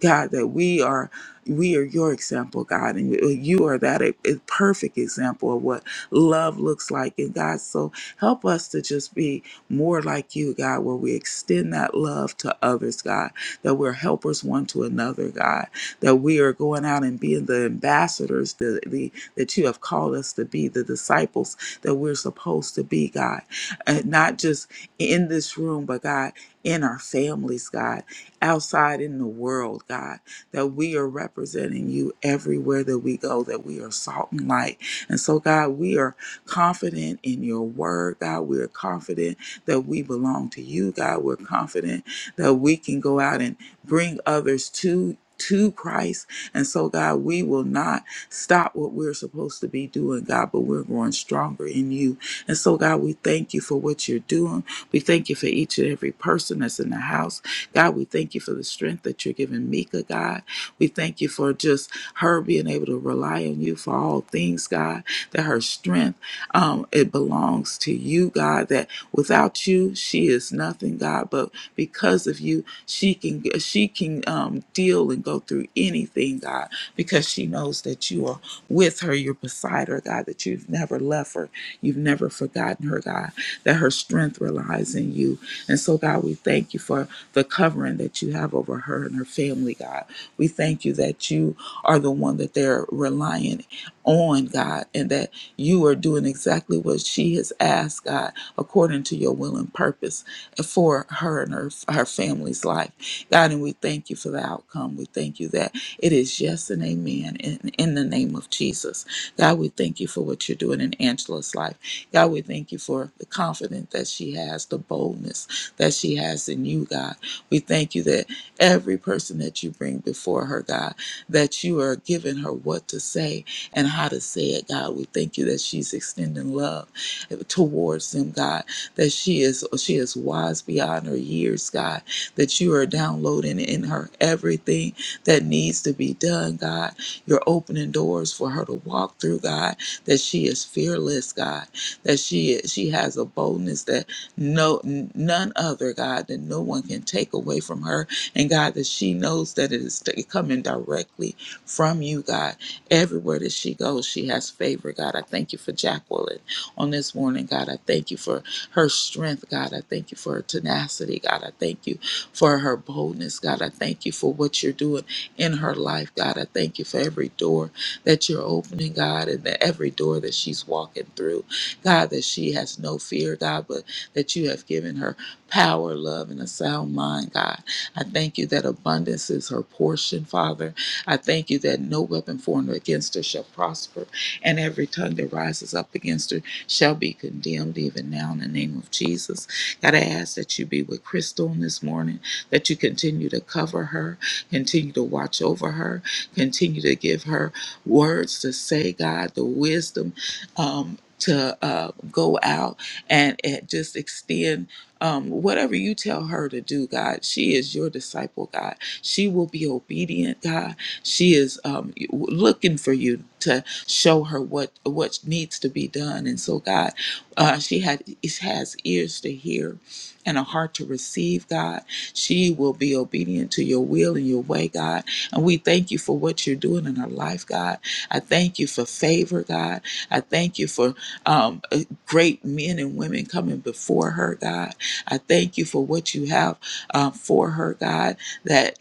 God, that we are we are your example, God, and you are that a, a perfect example of what love looks like. And God, so help us to just be more like you, God, where we extend that love to others, God, that we're helpers one to another, God, that we are going out and being the ambassadors, the, the that you have called us to be, the disciples that we're supposed to be, God. And not just in this room, but God, in our families, God, outside in the world, God, that we are representing you everywhere that we go, that we are salt and light. And so, God, we are confident in your word, God. We are confident that we belong to you, God. We're confident that we can go out and bring others to to Christ. And so, God, we will not stop what we're supposed to be doing, God, but we're growing stronger in you. And so, God, we thank you for what you're doing. We thank you for each and every person that's in the house. God, we thank you for the strength that you're giving Mika, God. We thank you for just her being able to rely on you for all things, God, that her strength, um, it belongs to you, God, that without you, she is nothing, God, but because of you, she can she can um, deal and go through anything, God because she knows that you are with her, you're beside her, God, that you've never left her, you've never forgotten her, God, that her strength relies in you. And so, God, we thank you for the covering that you have over her and her family, God. We thank you that you are the one that they're relying on, God, and that you are doing exactly what she has asked, God, according to your will and purpose for her and her, her family's life. God, and we thank you for the outcome. We thank you that it is yes and amen in, in the name of Jesus. God, we thank you for what you're doing in Angela's life. God, we thank you for the confidence that she has, the boldness that she has in you, God. We thank you that every person that you bring before her, God, that you are giving her what to say and how to say it, God. We thank you that she's extending love towards them, God, that she is she is wise beyond her years, God, that you are downloading in her everything that needs to be done, God. You're opening doors for her to walk through, God, that she is fearless, God, that she she has a boldness that no n- none other, God, that no one can take away from her. And God, that she knows that it is t- coming directly from you, God. Everywhere that she goes, she has favor, God. I thank you for Jacqueline on this morning, God. I thank you for her strength, God. I thank you for her tenacity, God. I thank you for her boldness, God. I thank you for what you're doing in her life, God. I thank you for every door that you're opening, God, and that every door that she's walking through. God, that she has no fear, God, but that you have given her power, love, and a sound mind, God. I thank you that abundance is her portion, Father. I thank you that no weapon formed against her shall prosper, and every tongue that rises up against her shall be condemned, even now, in the name of Jesus. God, I ask that you be with Crystal this morning, that you continue to cover her, Continue to watch over her. Continue to give her words to say, God, the wisdom um, to uh, go out and, and just extend um, whatever you tell her to do, God. She is your disciple, God. She will be obedient, God. She is um, looking for you to show her what what needs to be done, and so God, uh, she had has ears to hear and a heart to receive, God. She will be obedient to your will and your way, God. And we thank you for what you're doing in her life, God. I thank you for favor, God. I thank you for um, uh, great men and women coming before her, God. I thank you for what you have uh, for her, God. That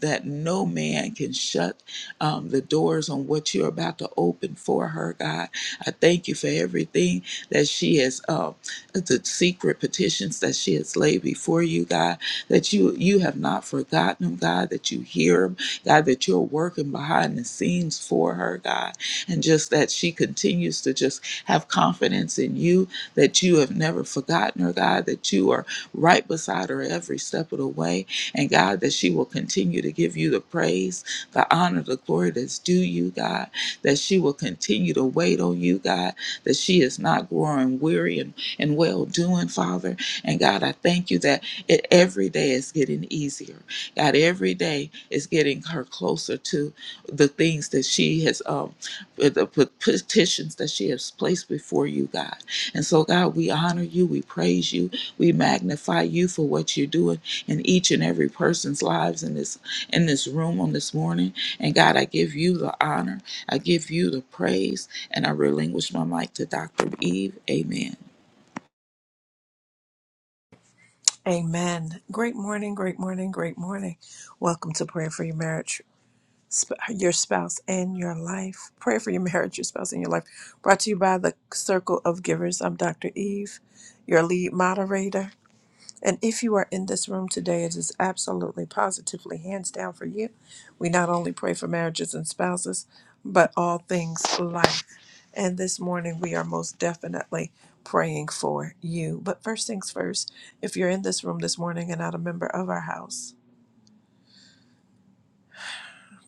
that no man can shut um, the doors on what you're about to open for her, God. I thank you for everything that she has, uh, the secret petitions that she has laid before you, God that you you have not forgotten him, God, that you hear him, God, that you're working behind the scenes for her, God, and just that she continues to just have confidence in you, that you have never forgotten her, God, that you are right beside her every step of the way, and God, that she will continue to give you the praise, the honor, the glory that's due you, God, that she will continue to wait on you, God, that she is not growing weary and, and well doing, Father. And God, I thank you that. It, every day is getting easier. God, every day is getting her closer to the things that she has, um, uh, the pe- petitions that she has placed before you, God. And so, God, we honor you, we praise you, we magnify you for what you're doing in each and every person's lives in this in this room on this morning. And God, I give you the honor, I give you the praise, and I relinquish my mic to Dr. Eve. Amen.
Amen. Great morning, great morning, great morning. Welcome to Prayer for Your Marriage, Sp- Your Spouse, and Your Life. Prayer for Your Marriage, Your Spouse, and Your Life. Brought to you by the Circle of Givers. I'm Dr. Eve, your lead moderator. And if you are in this room today, it is absolutely positively hands down for you. We not only pray for marriages and spouses, but all things life. And this morning, we are most definitely praying for you. But first things first, if you're in this room this morning and not a member of our house,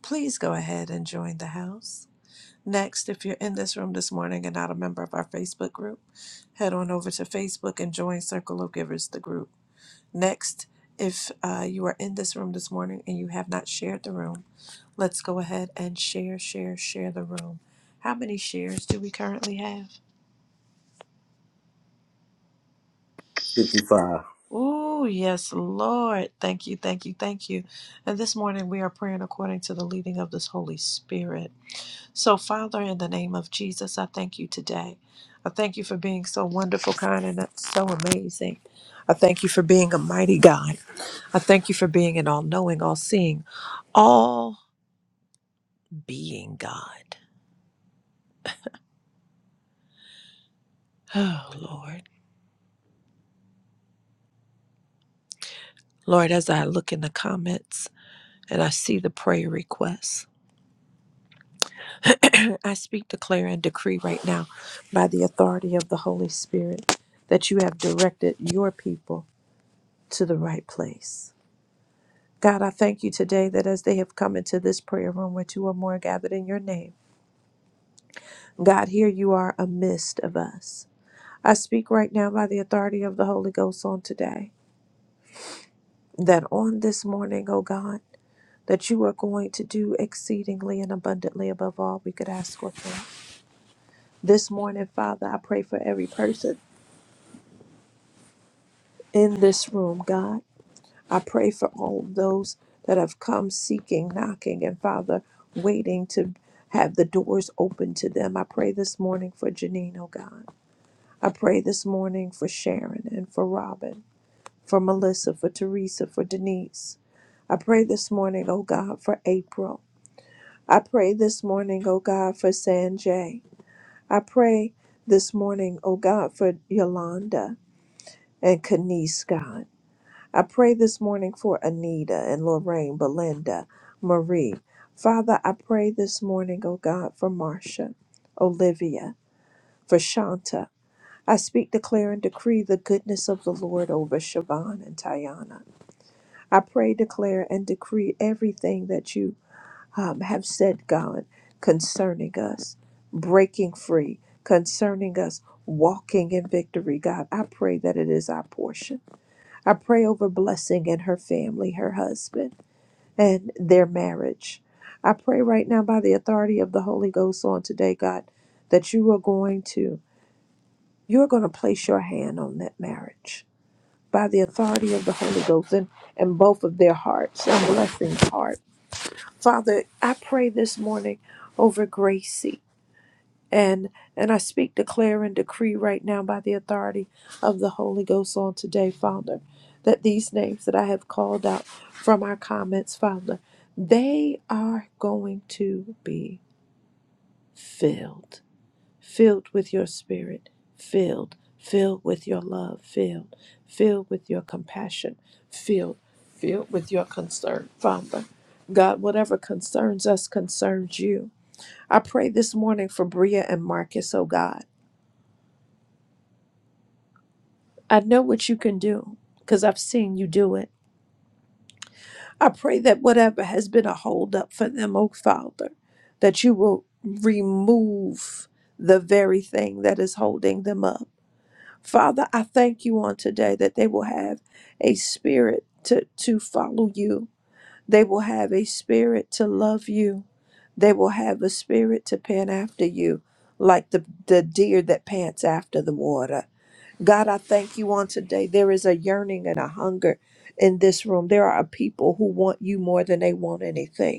please go ahead and join the house. Next, if you're in this room this morning and not a member of our Facebook group, head on over to Facebook and join Circle of Givers, the group. Next, if uh, you are in this room this morning and you have not shared the room, let's go ahead and share, share, share the room. How many shares do we currently have?
55.
Oh, yes, Lord. Thank you, thank you, thank you. And this morning we are praying according to the leading of this Holy Spirit. So, Father, in the name of Jesus, I thank you today. I thank you for being so wonderful, kind, and so amazing. I thank you for being a mighty God. I thank you for being an all knowing, all seeing, being God. Oh, Lord. Lord, as I look in the comments and I see the prayer requests, I speak, declare, and decree right now by the authority of the Holy Spirit that you have directed your people to the right place. God, I thank you today that as they have come into this prayer room where two or more are gathered in your name, God, here you are amidst of us. I speak right now by the authority of the Holy Ghost on today that on this morning, oh God, that you are going to do exceedingly and abundantly above all we could ask or think. This morning, Father, I pray for every person in this room, God. I pray for all of those that have come seeking, knocking, and Father, waiting to have the doors open to them. I pray this morning for Janine, oh God. I pray this morning for Sharon and for Robin, for Melissa, for Teresa, for Denise. I pray this morning, oh God, for April. I pray this morning, oh God, for Sanjay. I pray this morning, oh God, for Yolanda and Kanice, God. I pray this morning for Anita and Lorraine, Belinda, Marie. Father, I pray this morning, oh God, for Marcia, Olivia, for Shanta. I speak, declare, and decree the goodness of the Lord over Siobhan and Tayana. I pray, declare, and decree everything that you um, have said, God, concerning us, breaking free, concerning us, walking in victory, God. I pray that it is our portion. I pray over blessing and her family, her husband, and their marriage. I pray right now by the authority of the Holy Ghost on today, God, that you are going to you are going to place your hand on that marriage by the authority of the Holy Ghost and, and both of their hearts and blessings hearts. Father, I pray this morning over Gracie and and I speak, declare, and decree right now by the authority of the Holy Ghost on today, Father, that these names that I have called out from our comments, Father, they are going to be filled filled with your spirit, filled, filled with your love, filled, filled with your compassion, filled, filled with your concern, Father. God, whatever concerns us concerns you. I pray this morning for Bria and Marcus, oh God. I know what you can do because I've seen you do it. I pray that whatever has been a holdup for them, oh Father, that you will remove the very thing that is holding them up. Father, I thank you on today that they will have a spirit to, to follow you. They will have a spirit to love you. They will have a spirit to pant after you, like the, the deer that pants after the water. God, I thank you on today. There is a yearning and a hunger in this room. There are people who want you more than they want anything.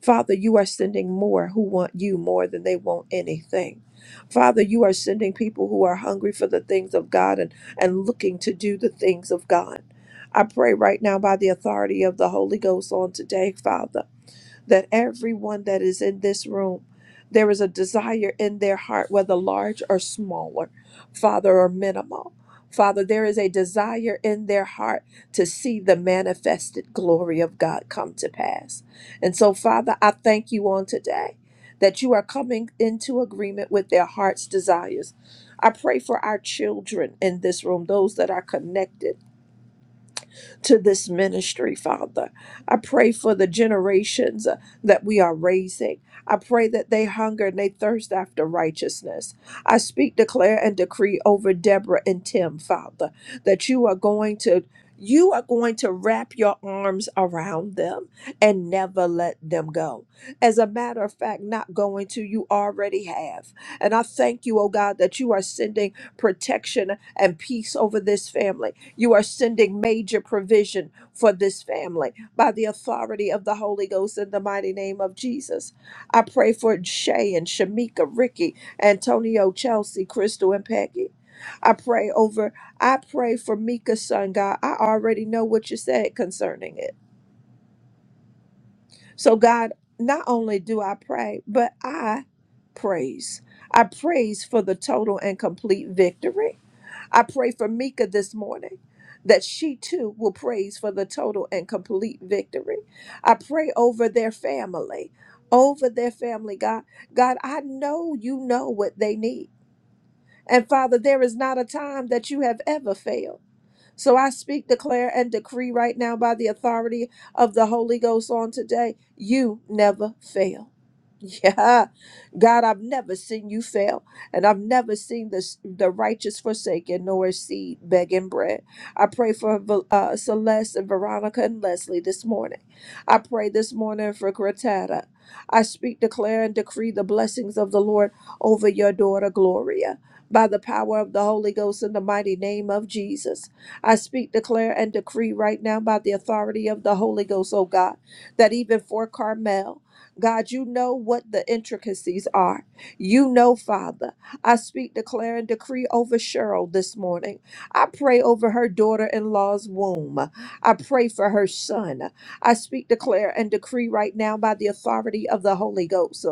Father, you are sending more who want you more than they want anything. Father, you are sending people who are hungry for the things of God and, and looking to do the things of God. I pray right now by the authority of the Holy Ghost on today, Father that everyone that is in this room, there is a desire in their heart, whether large or smaller, Father, or minimal. Father, there is a desire in their heart to see the manifested glory of God come to pass. And so, Father, I thank you on today that you are coming into agreement with their heart's desires. I pray for our children in this room, those that are connected to this ministry, Father. I pray for the generations uh, that we are raising. I pray that they hunger and they thirst after righteousness. I speak, declare, and decree over Deborah and Tim, Father, that you are going to. You are going to wrap your arms around them and never let them go. As a matter of fact, not going to, you already have. And I thank you, oh God, that you are sending protection and peace over this family. You are sending major provision for this family by the authority of the Holy Ghost in the mighty name of Jesus. I pray for Shay and Shamika, Ricky, Antonio, Chelsea, Crystal, and Peggy. I pray over, I pray for Mika's son, God. I already know what you said concerning it. So, God, not only do I pray, but I praise. I praise for the total and complete victory. I pray for Mika this morning that she too will praise for the total and complete victory. I pray over their family, over their family, God. God, I know you know what they need. And Father, there is not a time that you have ever failed. So I speak, declare, and decree right now by the authority of the Holy Ghost on today you never fail. Yeah, God, I've never seen you fail, and I've never seen this, the righteous forsaken nor his seed begging bread. I pray for uh, Celeste and Veronica and Leslie this morning. I pray this morning for Gratata. I speak, declare, and decree the blessings of the Lord over your daughter Gloria by the power of the Holy Ghost in the mighty name of Jesus. I speak, declare, and decree right now by the authority of the Holy Ghost, oh God, that even for Carmel, God, you know what the intricacies are. You know, Father. I speak, declare, and decree over Cheryl this morning. I pray over her daughter in law's womb. I pray for her son. I speak, declare, and decree right now by the authority of the Holy Ghost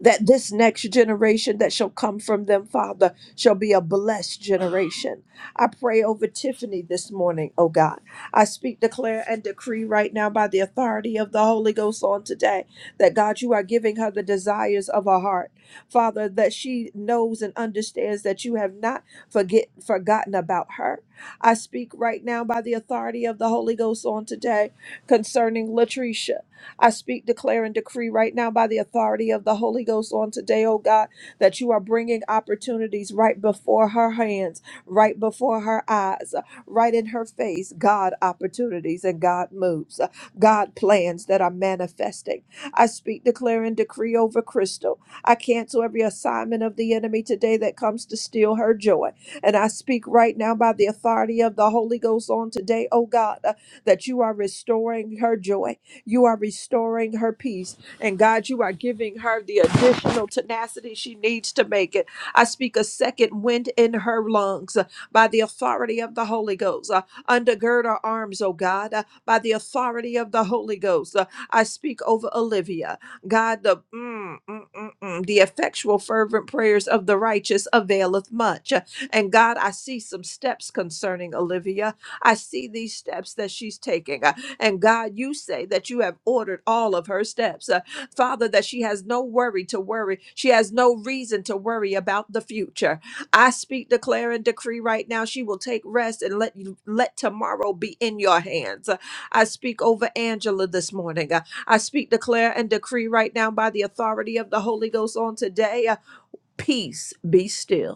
that this next generation that shall come from them, Father, shall be a blessed generation. I pray over Tiffany this morning, oh God. I speak, declare, and decree right now by the authority of the Holy Ghost on today that God, you are giving her the desires of her heart. Father, that she knows and understands that you have not forget forgotten about her. I speak right now by the authority of the Holy Ghost on today concerning Latricia. I speak, declare, and decree right now by the authority of the Holy Ghost on today, oh God, that you are bringing opportunities right before her hands, right before her eyes, right in her face. God opportunities and God moves, God plans that are manifesting. I speak, declare, and decree over Crystal. I cancel every assignment of the enemy today that comes to steal her joy. And I speak right now by the authority of the Holy Ghost on today, oh God, uh, that you are restoring her joy you are restoring her peace. And God, you are giving her the additional tenacity she needs to make it. I speak a second wind in her lungs uh, by the authority of the Holy Ghost. Uh, undergird her arms, oh God, uh, by the authority of the Holy Ghost. Uh, I speak over Olivia. God, the, mm, mm, mm, mm, the effectual, fervent prayers of the righteous availeth much. Uh, And God, I see some steps concerning Olivia. I see these steps that she's taking. uh, and God, you say that you have ordered all of her steps. Uh, Father, that she has no worry to worry. She has no reason to worry about the future. I speak, declare, and decree right now she will take rest and let you let tomorrow be in your hands. Uh, I speak over Angela this morning. Uh, I speak, declare, and decree right now by the authority of the Holy Ghost on today. uh, Peace be still.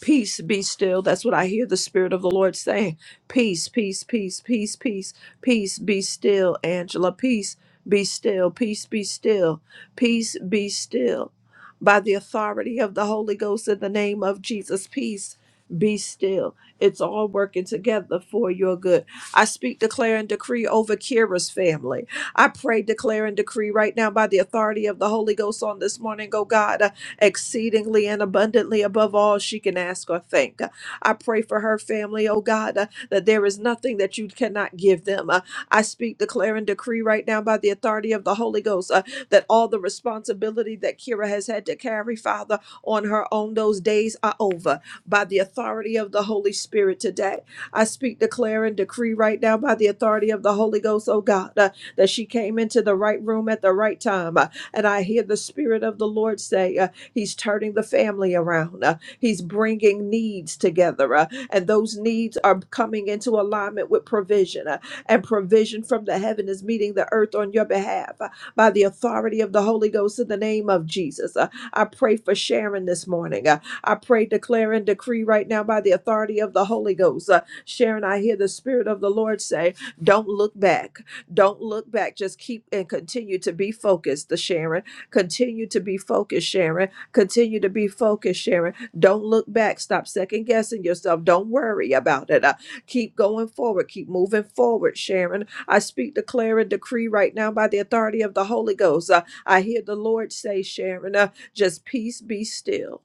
Peace be still. That's what I hear the Spirit of the Lord saying. Peace, peace, peace, peace, peace, peace be still, Angela. Peace be still, peace be still, peace be still. By the authority of the Holy Ghost in the name of Jesus, peace be still. It's all working together for your good. I speak, declare, and decree over Kira's family. I pray, declare, and decree right now by the authority of the Holy Ghost on this morning, oh God exceedingly and abundantly above all she can ask or think. I pray for her family, oh God, uh, that there is nothing that you cannot give them. Uh, I speak, declare, and decree right now by the authority of the Holy Ghost uh, that all the responsibility that Kira has had to carry, Father, on her own, those days are over by the authority of the Holy Spirit today. I speak, declare, and decree right now by the authority of the Holy Ghost, oh God, uh, that she came into the right room at the right time. Uh, and I hear the Spirit of the Lord say, uh, He's turning the family around. Uh, he's bringing needs together, uh, and those needs are coming into alignment with provision. uh, and provision from the heaven is meeting the earth on your behalf uh, by the authority of the Holy Ghost in the name of Jesus. Uh, I pray for Sharon this morning. Uh, I pray, declare, and decree right now by the authority of the Holy Ghost. Uh, Sharon, I hear the Spirit of the Lord say, Don't look back. Don't look back. Just keep and continue to be focused, uh, Sharon. Continue to be focused, Sharon Continue to be focused, Sharon. Don't look back. Stop second guessing yourself. Don't worry about it. Uh, keep going forward. Keep moving forward, Sharon. I speak, declare, and decree right now by the authority of the Holy Ghost. Uh, I hear the Lord say, Sharon, uh, just peace be still.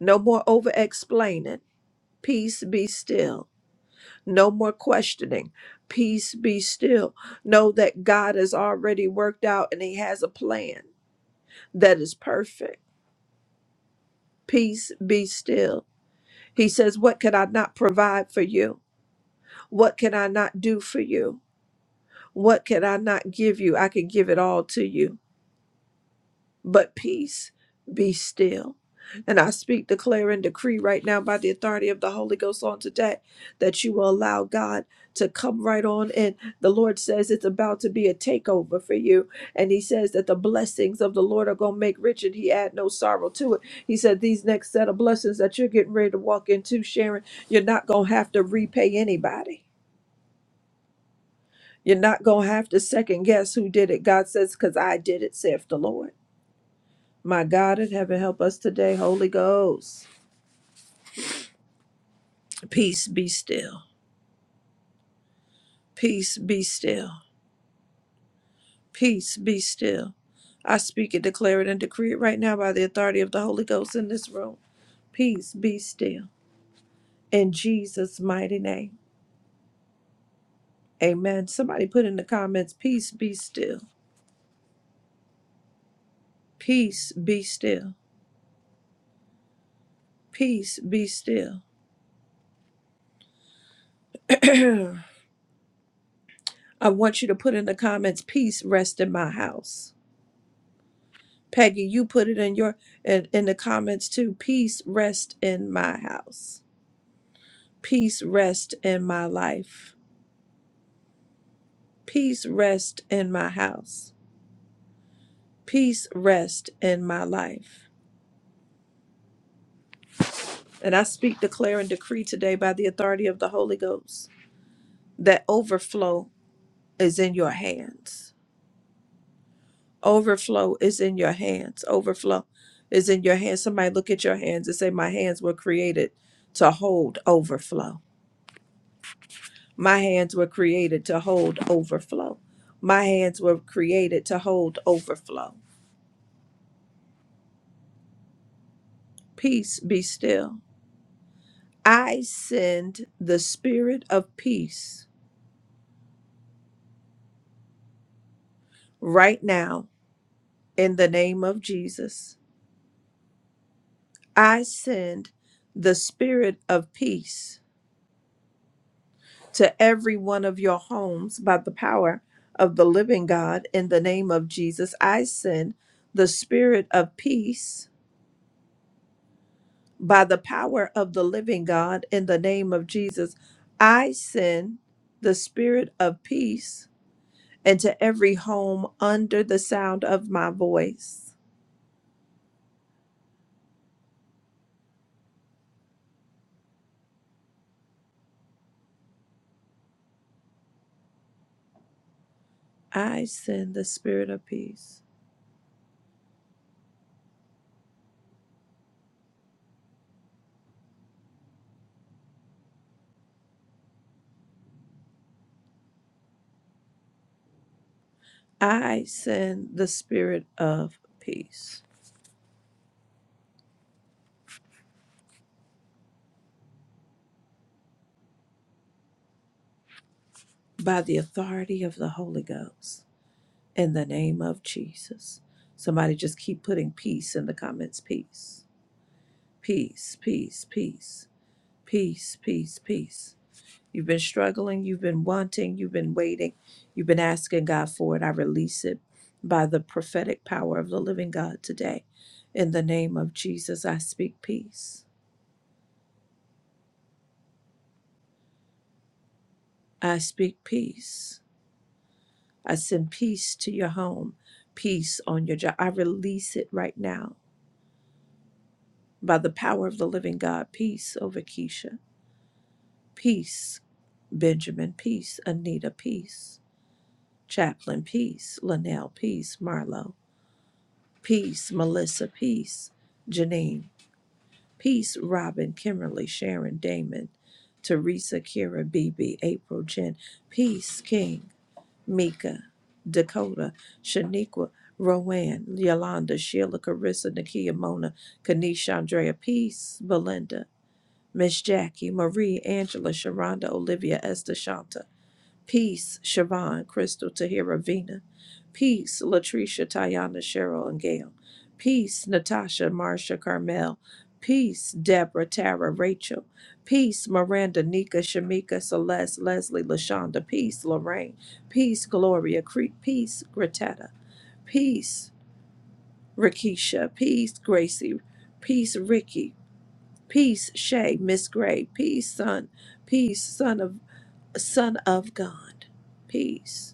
No more over explaining. Peace be still. No more questioning. Peace be still. Know that God has already worked out and He has a plan that is perfect. Peace be still He says, What could I not provide for you? What can I not do for you? What can I not give you? I can give it all to you but peace be still. And I speak, declare, and decree right now by the authority of the Holy Ghost on today that you will allow God to come right on in. The Lord says it's about to be a takeover for you. And He says that the blessings of the Lord are going to make rich and He add no sorrow to it. He said these next set of blessings that you're getting ready to walk into, Sharon, you're not going to have to repay anybody. You're not going to have to second guess who did it. God says, because I did it, saith the Lord. My God in heaven, help us today, Holy Ghost. Peace be still. Peace be still. Peace be still. I speak it, declare it, and decree it right now by the authority of the Holy Ghost in this room. Peace be still. In Jesus' mighty name. Amen. Somebody put in the comments, peace be still. Peace be still. Peace be still. I want you to put in the comments, peace rest in my house Peggy, you put it in your in, in the comments too. Peace rest in my house. Peace rest in my life. Peace rest in my house. Peace rest in my life. And I speak, declare, and decree today by the authority of the Holy Ghost that overflow is in your hands. Overflow is in your hands. Overflow is in your hands. Somebody look at your hands and say, My hands were created to hold overflow My hands were created to hold overflow. My hands were created to hold overflow. Peace be still. I send the spirit of peace right now in the name of Jesus. I send the spirit of peace to every one of your homes by the power of the living God in the name of Jesus. I send the spirit of peace by the power of the living God in the name of Jesus, I send the spirit of peace into every home under the sound of my voice. I send the spirit of peace. I send the spirit of peace by the authority of the Holy Ghost in the name of Jesus. Somebody just keep putting peace in the comments. Peace, peace, peace, peace, peace, peace, peace. You've been struggling, you've been wanting, you've been waiting, you've been asking God for it. I release it by the prophetic power of the living God today. In the name of Jesus, I speak peace. I speak peace. I send peace to your home, peace on your job. I release it right now by the power of the living God. Peace over Keisha. Peace, Benjamin. Peace, Anita. Peace, Chaplain. Peace, Linnell. Peace, Marlo Peace, Melissa. Peace, Janine. Peace, Robin, Kimberly, Sharon, Damon, Teresa, Kira, BB, April, Jen. Peace, King, Mika, Dakota, Shaniqua, Rowan, Yolanda, Sheila, Carissa, Nakia, Mona, Kanisha, Andrea. Peace, Belinda, Miss Jackie, Marie, Angela, Sharonda, Olivia, Esther, Shanta. Peace, Siobhan, Crystal, Tahira, Vina. Peace, Latricia, Tayana, Cheryl, and Gail. Peace, Natasha, Marsha, Carmel. Peace, Deborah, Tara, Rachel. Peace, Miranda, Nika, Shamika, Celeste, Leslie, Lashonda. Peace, Lorraine. Peace, Gloria. Cre- Peace, Gretetta. Peace, Rakisha. Peace, Gracie. Peace, Ricky. Peace, Shay, Miss Gray. Peace, son. Peace, son of son of God. Peace.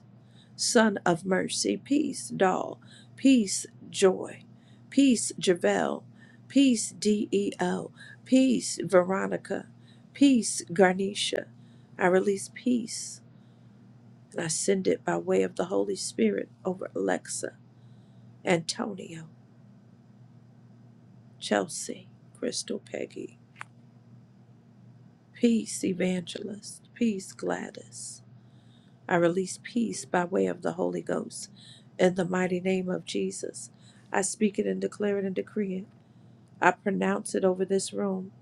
Son of Mercy, Peace, Doll, Peace, Joy, Peace, Javel, Peace, DEO, Peace, Veronica, Peace, Garnisha. I release peace and I send it by way of the Holy Spirit over Alexa, Antonio, Chelsea, Crystal Peggy, Peace, Evangelist, Peace, Gladys. I release peace by way of the Holy Ghost. In the mighty name of Jesus, I speak it and declare it and decree it. I pronounce it over this room.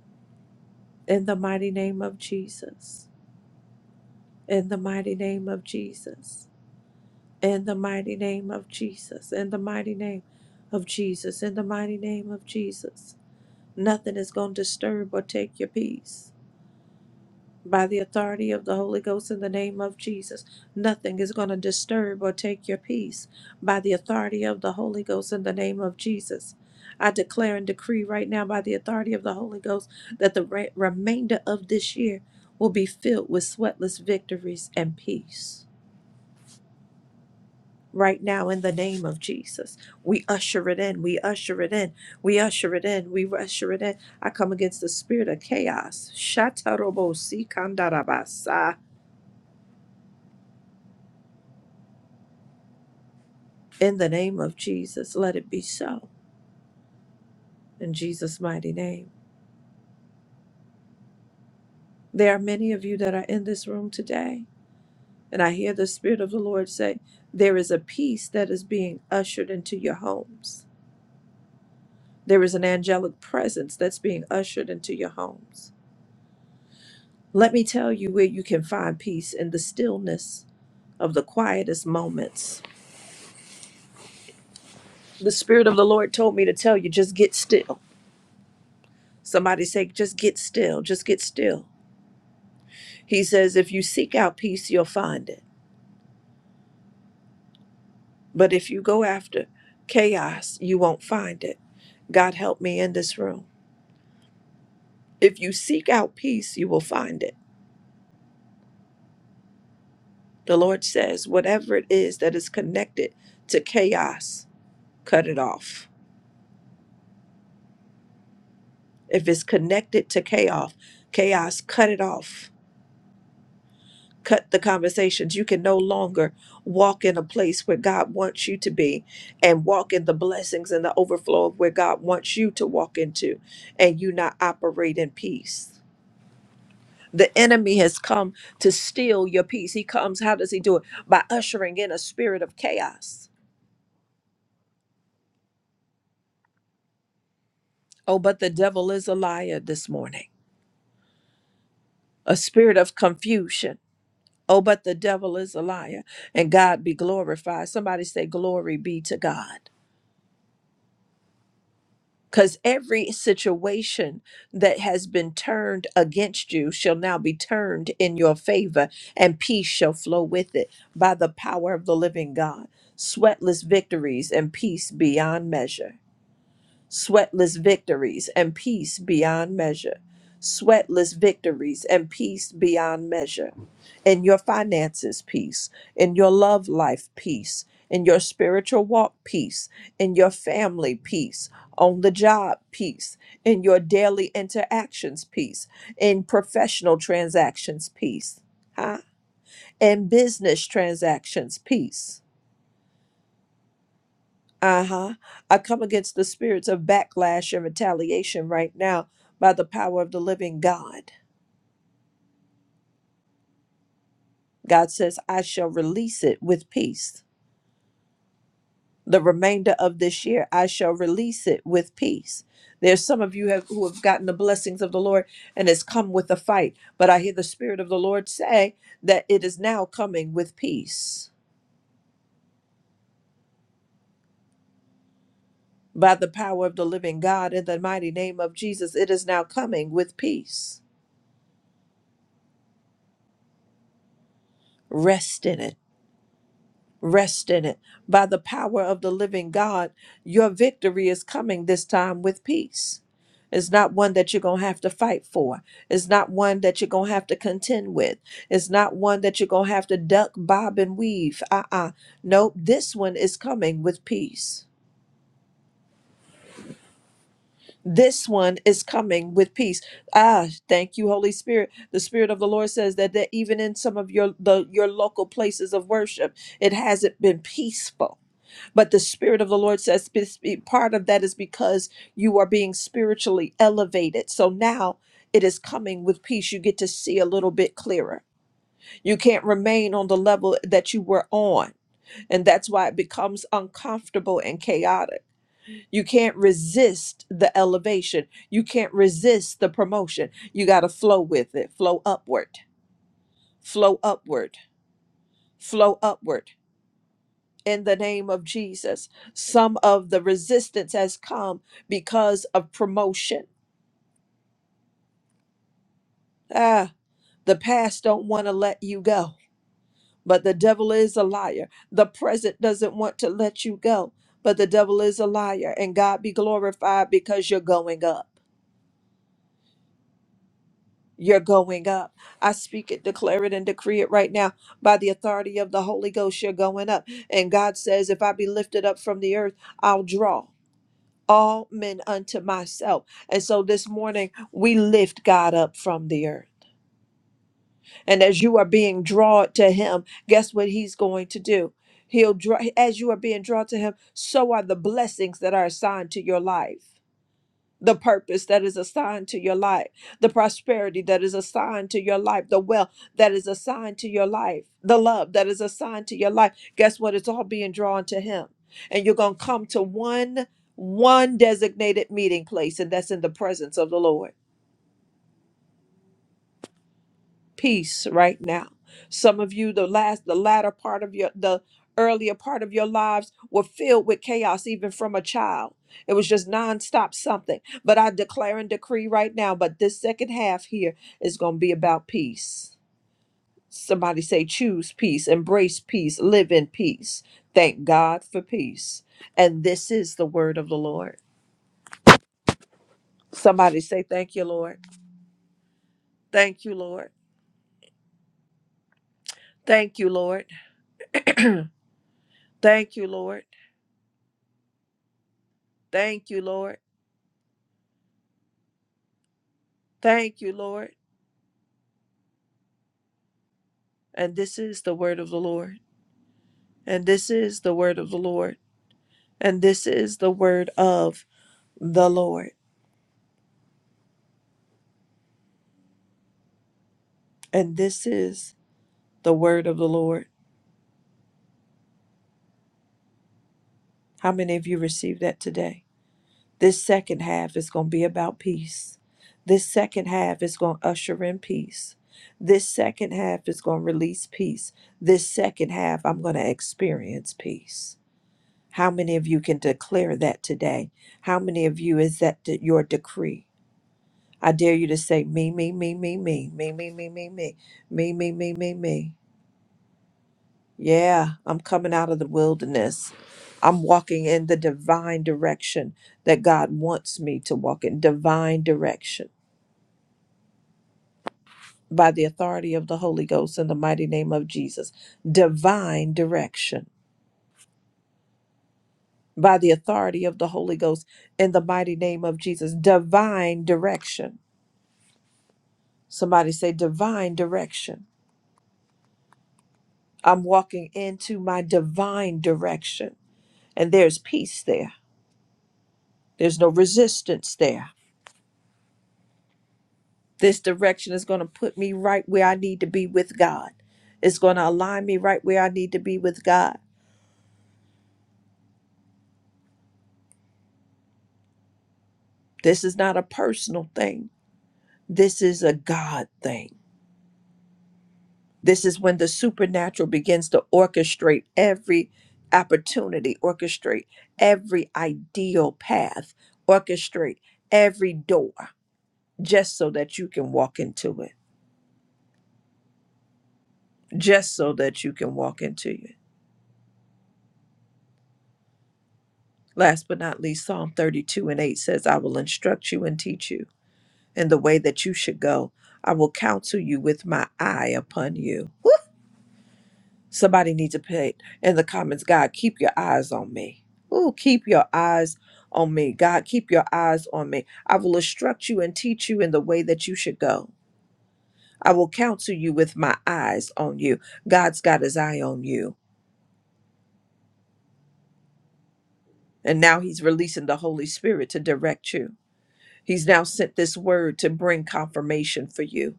In the mighty name of Jesus. In the mighty name of Jesus. In the mighty name of Jesus. In the mighty name of Jesus. In the mighty name of Jesus. Nothing is going to disturb or take your peace. by the authority of the Holy Ghost in the name of Jesus. Nothing is going to disturb or take your peace by the authority of the Holy Ghost in the name of Jesus. I declare and decree right now by the authority of the Holy Ghost that the re- remainder of this year will be filled with sweatless victories and peace. Right now, in the name of Jesus, we usher it in, we usher it in, we usher it in, we usher it in. I come against the spirit of chaos. Shatarobo sikandarabasa. In the name of Jesus, let it be so. In Jesus' mighty name. There are many of you that are in this room today, and I hear the Spirit of the Lord say, There is a peace that is being ushered into your homes. There is an angelic presence that's being ushered into your homes. Let me tell you where you can find peace in the stillness of the quietest moments. The Spirit of the Lord told me to tell you, just get still. Somebody say, just get still, just get still. He says, if you seek out peace, you'll find it. But if you go after chaos, you won't find it. God help me in this room. If you seek out peace, you will find it. The Lord says, whatever it is that is connected to chaos, cut it off. If it's connected to chaos, chaos, cut it off. Cut the conversations. You can no longer walk in a place where God wants you to be and walk in the blessings and the overflow of where God wants you to walk into, and you not operate in peace. The enemy has come to steal your peace. He comes, how does he do it? By ushering in a spirit of chaos. Oh, but the devil is a liar this morning, a spirit of confusion. Oh, but the devil is a liar, and God be glorified. Somebody say, Glory be to God. because every situation that has been turned against you shall now be turned in your favor, and peace shall flow with it by the power of the living God. Sweatless victories and peace beyond measure sweatless victories and peace beyond measure. Sweatless victories and peace beyond measure. In your finances, peace. In your love life, peace. In your spiritual walk, peace. In your family, peace. On the job, peace. In your daily interactions, peace. In professional transactions, peace. Huh? In business transactions, peace uh-huh. I come against the spirits of backlash and retaliation right now by the power of the living God. God says, I shall release it with peace. The remainder of this year, I shall release it with peace. There's some of you have, who have gotten the blessings of the Lord and it's come with a fight, but I hear the Spirit of the Lord say that it is now coming with peace. By the power of the living God, in the mighty name of Jesus, it is now coming with peace. Rest in it Rest in it. By the power of the living God, your victory is coming this time with peace. It's not one that you're going to have to fight for. It's not one that you're going to have to contend with. It's not one that you're going to have to duck, bob, and weave. Uh uh Nope. This one is coming with peace. This one is coming with peace. Ah, thank you, Holy Spirit. The Spirit of the Lord says that, that even in some of your the, your local places of worship, it hasn't been peaceful But the Spirit of the Lord says spe- spe- part of that is because you are being spiritually elevated. So now it is coming with peace. You get to see a little bit clearer. You can't remain on the level that you were on. And that's why it becomes uncomfortable and chaotic. You can't resist the elevation, you can't resist the promotion. You got to flow with it, flow upward, flow upward, flow upward. in the name of Jesus. Some of the resistance has come because of promotion. Ah, the past don't want to let you go, but the devil is a liar. The present doesn't want to let you go, but the devil is a liar. And God be glorified because you're going up. You're going up. I speak it, declare it, and decree it right now by the authority of the Holy Ghost. You're going up. And God says, if I be lifted up from the earth, I'll draw. all men unto myself. And so this morning, we lift God up from the earth. And as you are being drawn to Him, guess what He's going to do? He'll draw, as you are being drawn to Him, so are the blessings that are assigned to your life the purpose that is assigned to your life, the prosperity that is assigned to your life, the wealth that is assigned to your life, the love that is assigned to your life. Guess what? It's all being drawn to Him. And you're going to come to one one designated meeting place and that's in the presence of the Lord. peace right now. Some of you, the last, the latter part of your, the earlier part of your lives were filled with chaos, even from a child. It was just nonstop something. But I declare and decree right now, but this second half here is going to be about peace. Somebody say, choose peace, embrace peace, live in peace. Thank God for peace. And this is the word of the Lord. Somebody say, Thank you, Lord. Thank you, Lord. Thank you, Lord. Thank you, Lord. Thank you, Lord. Thank you, Lord. And this is the word of the Lord. And this is the word of the Lord. And this is the word of the Lord. And this is the word of the Lord. How many of you received that today? This second half is going to be about peace. This second half is going to usher in peace. This second half is going to release peace. This second half, I'm going to experience peace. How many of you can declare that today? How many of you is that de- your decree? I dare you to say me, me, me, me, me, me, me, me, me, me, me, me, me, me, me. Yeah, I'm coming out of the wilderness. I'm walking in the divine direction that God wants me to walk in. Divine direction. By the authority of the Holy Ghost in the mighty name of Jesus. Divine direction. By the authority of the Holy Ghost in the mighty name of Jesus. Divine direction. Somebody say divine direction. I'm walking into my divine direction. and there's peace there. There's no resistance there. This direction is going to put me right where I need to be with God. It's going to align me right where I need to be with God. This is not a personal thing, this is a God thing. This is when the supernatural begins to orchestrate every opportunity, orchestrate every ideal path, orchestrate every door, just so that you can walk into it, just so that you can walk into it. Last but not least, Psalm 32 and 8 says, I will instruct you and teach you in the way that you should go. I will counsel you with my eye upon you. Woo! Somebody needs to put in the comments, God, keep your eyes on me. Ooh, keep your eyes on me. God, keep your eyes on me. I will instruct you and teach you in the way that you should go. I will counsel you with my eyes on you. God's got his eye on you. And now he's releasing the Holy Spirit to direct you. He's now sent this word to bring confirmation for you.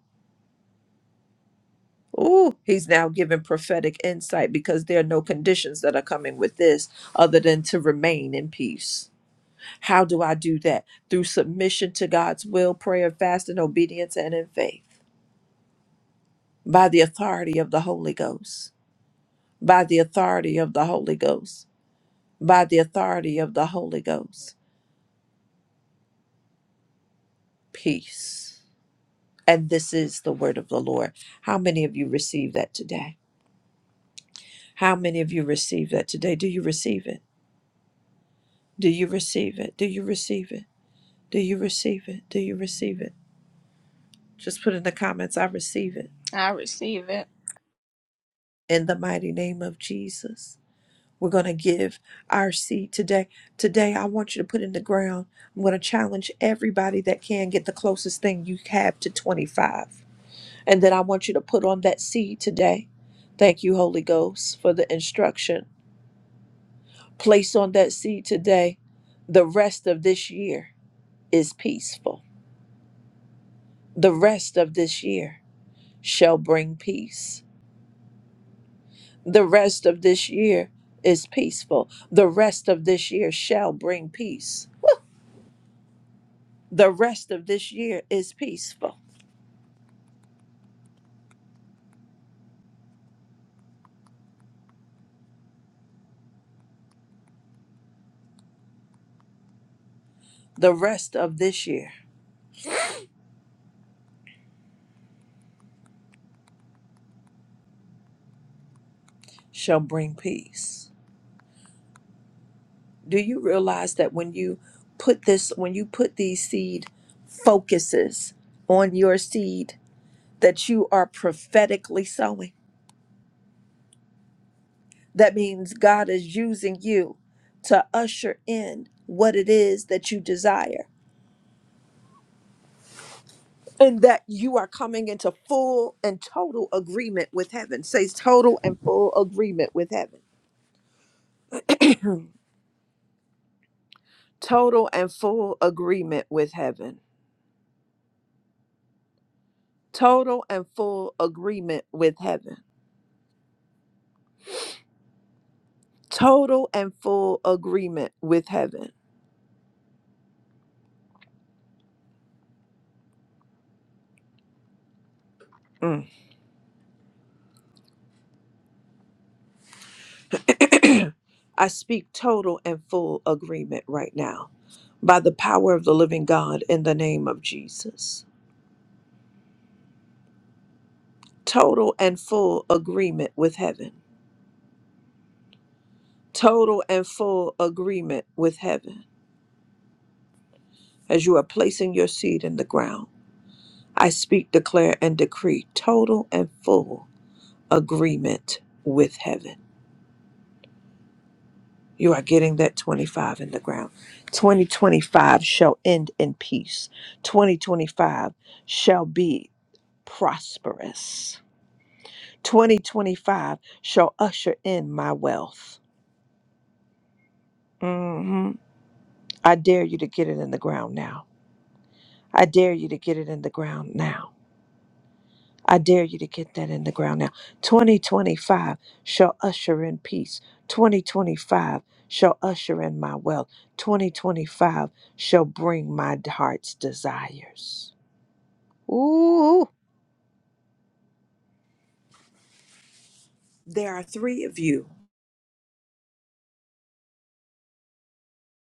Ooh, he's now given prophetic insight because there are no conditions that are coming with this other than to remain in peace. How do I do that? Through submission to God's will, prayer, fasting, obedience, and in faith. By the authority of the Holy Ghost. By the authority of the Holy Ghost. By the authority of the Holy Ghost. Peace. And this is the word of the Lord. How many of you receive that today? How many of you receive that today? Do you receive it? Do you receive it? Do you receive it? Do you receive it? Do you receive it? Just put in the comments, I receive it.
I receive it.
In the mighty name of Jesus. We're going to give our seed today. Today, I want you to put in the ground. I'm going to challenge everybody that can get the closest thing you have to 25. And then I want you to put on that seed today. Thank you, Holy Ghost, for the instruction. Place on that seed today the rest of this year is peaceful. The rest of this year shall bring peace. The rest of this year is peaceful. The rest of this year shall bring peace. The rest of this year is peaceful. The rest of this year shall bring peace. Do you realize that when you put this, when you put these seed focuses on your seed, that you are prophetically sowing? That means God is using you to usher in what it is that you desire and that you are coming into full and total agreement with heaven. Says total and full agreement with heaven. Hmm. Total and full agreement with heaven. Total and full agreement with heaven. Total and full agreement with heaven. Mm. I speak total and full agreement right now by the power of the living God in the name of Jesus total and full agreement with heaven. Total and full agreement with heaven. As you are placing your seed in the ground, I speak, declare, and decree total and full agreement with heaven. You are getting that 25 in the ground. 2025 shall end in peace. 2025 shall be prosperous. 2025 shall usher in my wealth. hmm I dare you to get it in the ground now. I dare you to get it in the ground now. I dare you to get that in the ground now. 2025 shall usher in peace. 2025 shall usher in my wealth. 2025 shall bring my heart's desires. Ooh, there are three of you,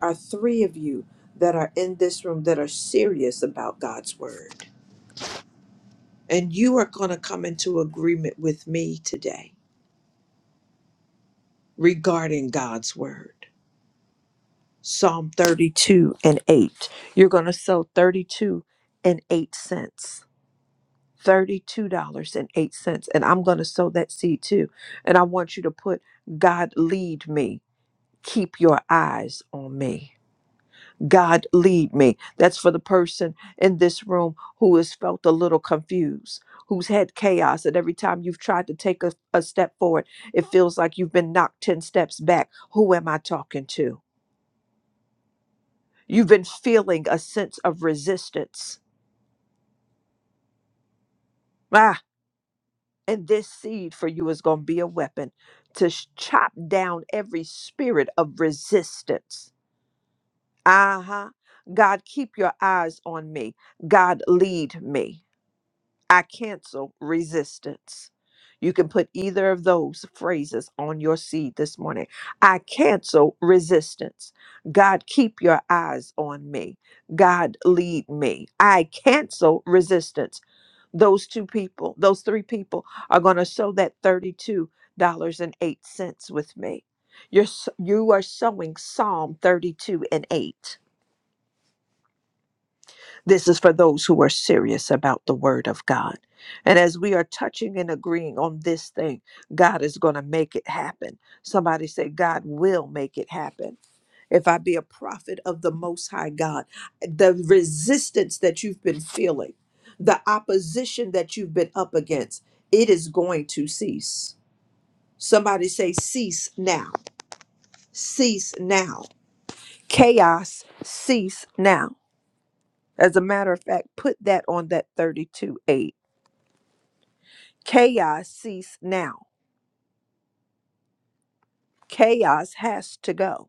are three of you that are in this room that are serious about God's word. And you are going to come into agreement with me today regarding God's word. Psalm 32 and 8. You're going to sow 32 and 8 cents. $32.08. And eight cents. And I'm going to sow that seed too. And I want you to put, God, lead me. Keep your eyes on me. God, lead me. That's for the person in this room who has felt a little confused, who's had chaos. And every time you've tried to take a, a step forward, it feels like you've been knocked 10 steps back. Who am I talking to? You've been feeling a sense of resistance. Ah, and this seed for you is going to be a weapon to sh- chop down every spirit of resistance. Uh huh. God, keep your eyes on me. God, lead me. I cancel resistance. You can put either of those phrases on your seed this morning. I cancel resistance. God, keep your eyes on me. God, lead me. I cancel resistance. those two people, those three people are going to sow that $32.08 with me. You're, s- you are sowing Psalm 32 and 8. This is for those who are serious about the word of God. And as we are touching and agreeing on this thing, God is going to make it happen. Somebody say, God will make it happen if I be a prophet of the Most High God, the resistance that you've been feeling, the opposition that you've been up against, it is going to cease. Somebody say, cease now, cease now. Chaos, cease now. As a matter of fact, put that on that 32 8. Chaos, cease now. Chaos has to go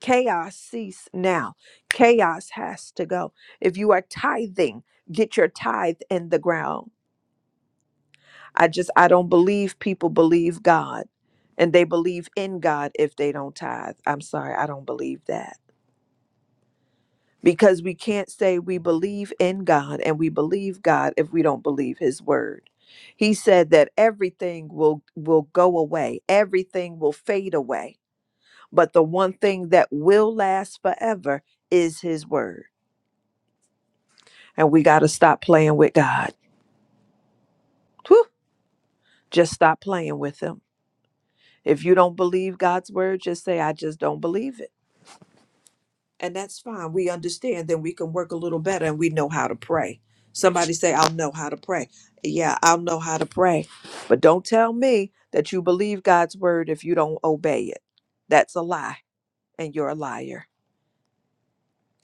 Chaos cease now. Chaos has to go. If you are tithing, get your tithe in the ground. I just I don't believe people believe God and they believe in God if they don't tithe. I'm sorry, I don't believe that. Because we can't say we believe in God and we believe God if we don't believe his word. He said that everything will will go away. Everything will fade away. But the one thing that will last forever is his word. And we got to stop playing with God. Whew. Just stop playing with Him. If you don't believe God's word, just say, I just don't believe it. And that's fine. We understand. Then we can work a little better and we know how to pray. Somebody say, I'll know how to pray. Yeah, I'll know how to pray. But don't tell me that you believe God's word if you don't obey it. That's a lie, and you're a liar.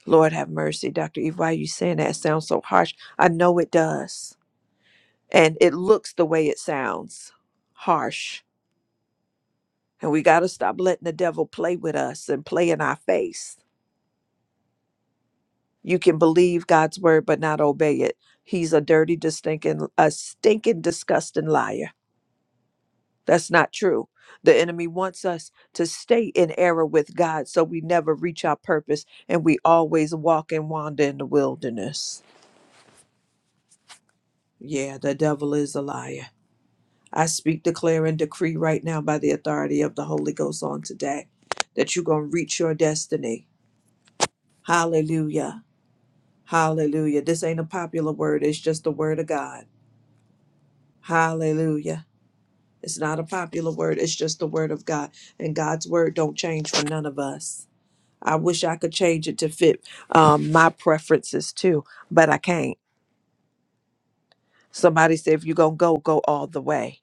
Lord have mercy, Dr. Eve. Why are you saying that? It sounds so harsh. I know it does. And it looks the way it sounds harsh And we got to stop letting the devil play with us and play in our face. You can believe God's word but not obey it. He's a dirty, distinct, a stinking, disgusting liar. That's not true. The enemy wants us to stay in error with God so we never reach our purpose and we always walk and wander in the wilderness. Yeah, the devil is a liar. I speak, declare, and decree right now by the authority of the Holy Ghost on today that you're going to reach your destiny. Hallelujah Hallelujah. This ain't a popular word, it's just the word of God. Hallelujah. It's not a popular word, it's just the word of God. And God's word don't change for none of us. I wish I could change it to fit um, my preferences too, but I can't. Somebody said, if you're going to go, go all the way.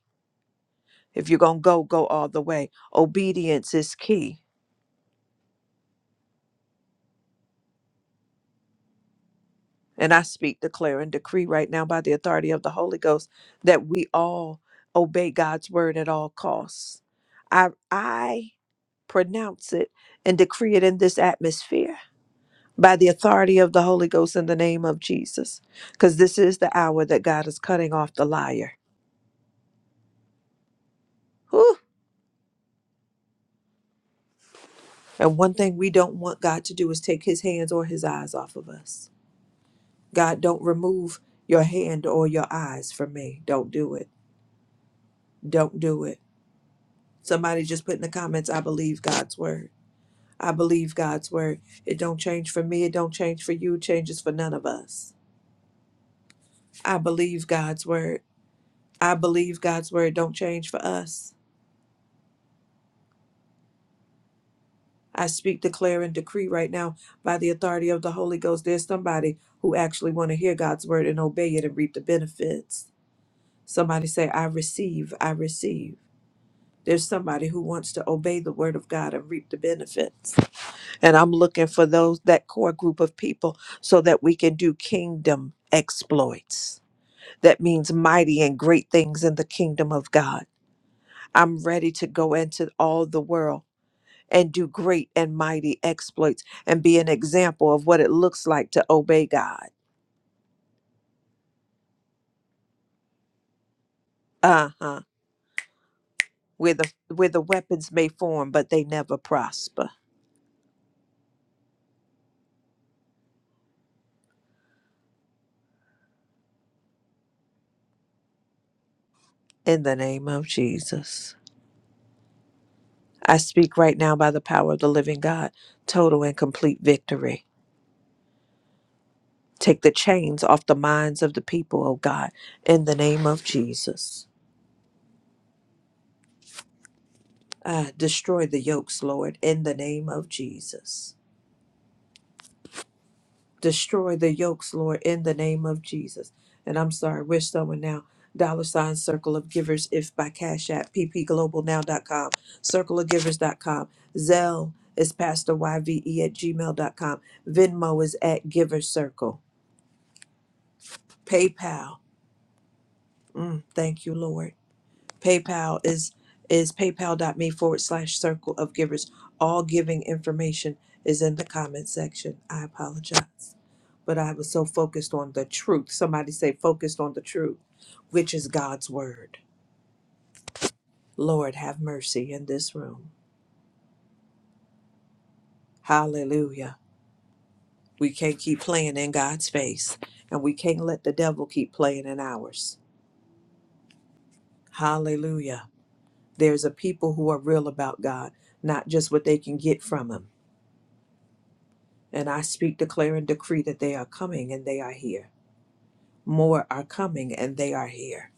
If you're going to go, go all the way. Obedience is key. And I speak, declare, and decree right now by the authority of the Holy Ghost that we all obey God's word at all costs. I, I pronounce it and decree it in this atmosphere by the authority of the Holy Ghost in the name of Jesus. Because this is the hour that God is cutting off the liar. Whew. And one thing we don't want God to do is take his hands or his eyes off of us. God, don't remove your hand or your eyes from me. Don't do it. Don't do it. Somebody just put in the comments, I believe God's word. I believe God's word. It don't change for me. It don't change for you. It changes for none of us. I believe God's word. I believe God's word don't change for us. I speak, declare, and decree right now by the authority of the Holy Ghost. There's somebody who actually want to hear God's word and obey it and reap the benefits. Somebody say, I receive, I receive. There's somebody who wants to obey the word of God and reap the benefits. And I'm looking for those, that core group of people, so that we can do kingdom exploits. That means mighty and great things in the kingdom of God. I'm ready to go into all the world and do great and mighty exploits and be an example of what it looks like to obey God. Uh-huh. Where the where the weapons may form, but they never prosper. In the name of Jesus. I speak right now by the power of the living God, total and complete victory. Take the chains off the minds of the people, oh God, in the name of Jesus. Uh, destroy the yokes, Lord, in the name of Jesus. destroy the yokes, Lord, in the name of Jesus. And I'm sorry, we're someone now. Dollar sign circle of givers if by Cash App, ppglobalnow.com, circleofgivers.com, Zelle is pastorYVE at gmail.com, Venmo is at giver circle, PayPal. Mm, thank you, Lord. PayPal is is paypal.me forward slash circle of givers. All giving information is in the comment section. I apologize. But I was so focused on the truth. Somebody say focused on the truth, which is God's word. Lord have mercy in this room. Hallelujah. We can't keep playing in God's face. And we can't let the devil keep playing in ours. Hallelujah. There's a people who are real about God, not just what they can get from him. And I speak, declare, and decree that they are coming and they are here. More are coming and they are here.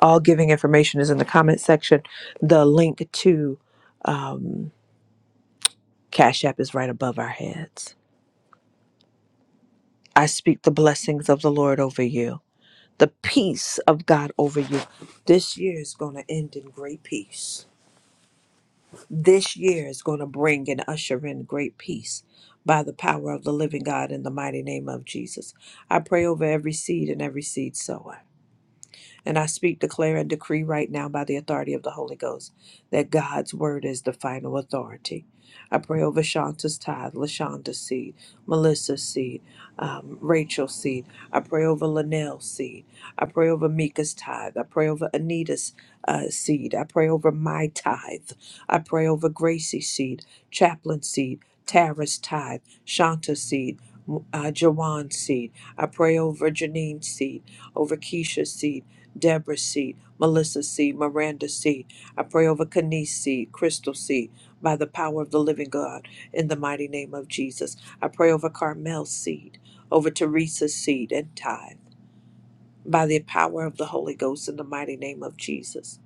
All giving information is in the comment section. The link to um, Cash App is right above our heads. I speak the blessings of the Lord over you, the peace of God over you. This year is going to end in great peace. This year is going to bring and usher in great peace by the power of the living God in the mighty name of Jesus. I pray over every seed and every seed sower. And I speak, declare, and decree right now by the authority of the Holy Ghost that God's word is the final authority. I pray over Shanta's tithe, LaShonda's seed, Melissa's seed, um, Rachel's seed. I pray over Linnell's seed. I pray over Mika's tithe. I pray over Anita's uh, seed. I pray over my tithe. I pray over Gracie's seed, Chaplain's seed, Tara's tithe, Shanta's seed, uh, Jawan's seed. I pray over Janine's seed, over Keisha's seed. Deborah C., Melissa C., Miranda C. I pray over Kanice C., Crystal C., by the power of the living God, in the mighty name of Jesus. I pray over Carmel's seed, over Teresa's seed and tithe, by the power of the Holy Ghost, in the mighty name of Jesus.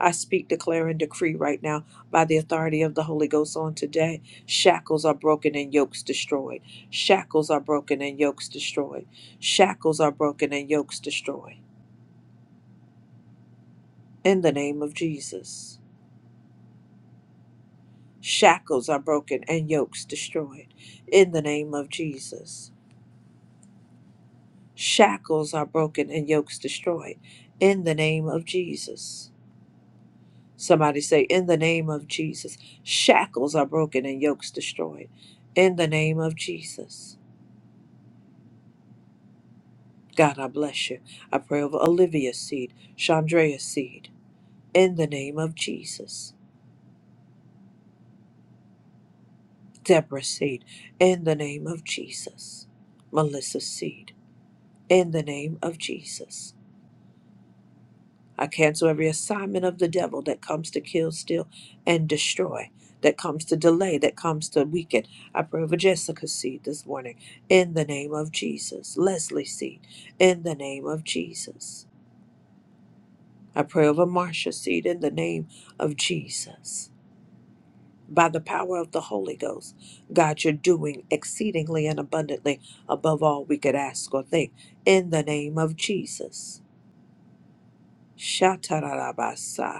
I speak, declare, and decree right now by the authority of the Holy Ghost on today. Shackles are broken and yokes destroyed. Shackles are broken and yokes destroyed. Shackles are broken and yokes destroyed. in the name of Jesus. Shackles are broken and yokes destroyed in the name of Jesus. Shackles are broken and yokes destroyed in the name of Jesus. Somebody say, In the name of Jesus. Shackles are broken and yokes destroyed in the name of Jesus. God, I bless you. I pray over Olivia's seed, Chandra's seed in the name of Jesus. Deborah's seed in the name of Jesus. Melissa's seed in the name of Jesus. I cancel every assignment of the devil that comes to kill, steal, and destroy, that comes to delay, that comes to weaken. I pray over Jessica's seed this morning in the name of Jesus. Leslie's seed in the name of Jesus. I pray over Marcia's seed in the name of Jesus. By the power of the Holy Ghost, God, you're doing exceedingly and abundantly above all we could ask or think in the name of Jesus. Shatarabasa.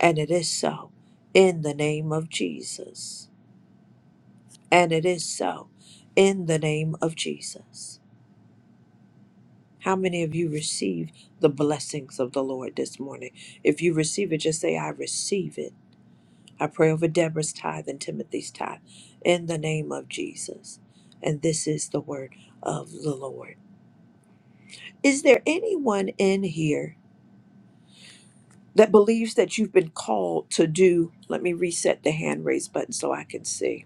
And it is so in the name of Jesus. And it is so in the name of Jesus. How many of you receive the blessings of the Lord this morning? If you receive it, just say, I receive it. I pray over Deborah's tithe and Timothy's tithe in the name of Jesus. And this is the word of the Lord. Is there anyone in here that believes that you've been called to do? Let me reset the hand raise button so I can see.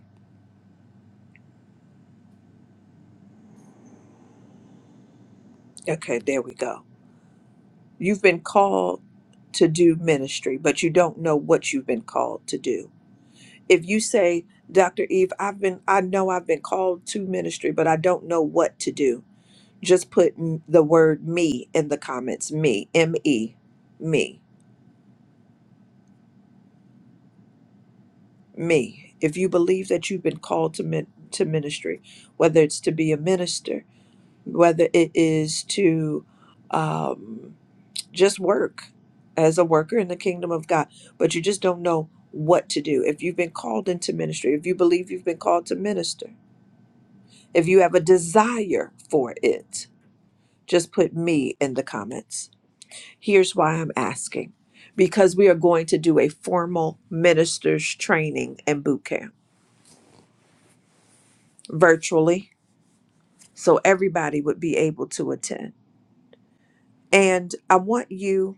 Okay, there we go You've been called to do ministry, but you don't know what you've been called to do. If you say, Dr. Eve, I've been, I know I've been called to ministry, but I don't know what to do, just put m- the word me in the comments. Me, M E, me, me. If you believe that you've been called to, min- to ministry, whether it's to be a minister, whether it is to, um, just work as a worker in the kingdom of God, but you just don't know what to do. If you've been called into ministry, if you believe you've been called to minister, if you have a desire for it, just put me in the comments. Here's why I'm asking because we are going to do a formal ministers training and boot camp virtually so everybody would be able to attend. And I want you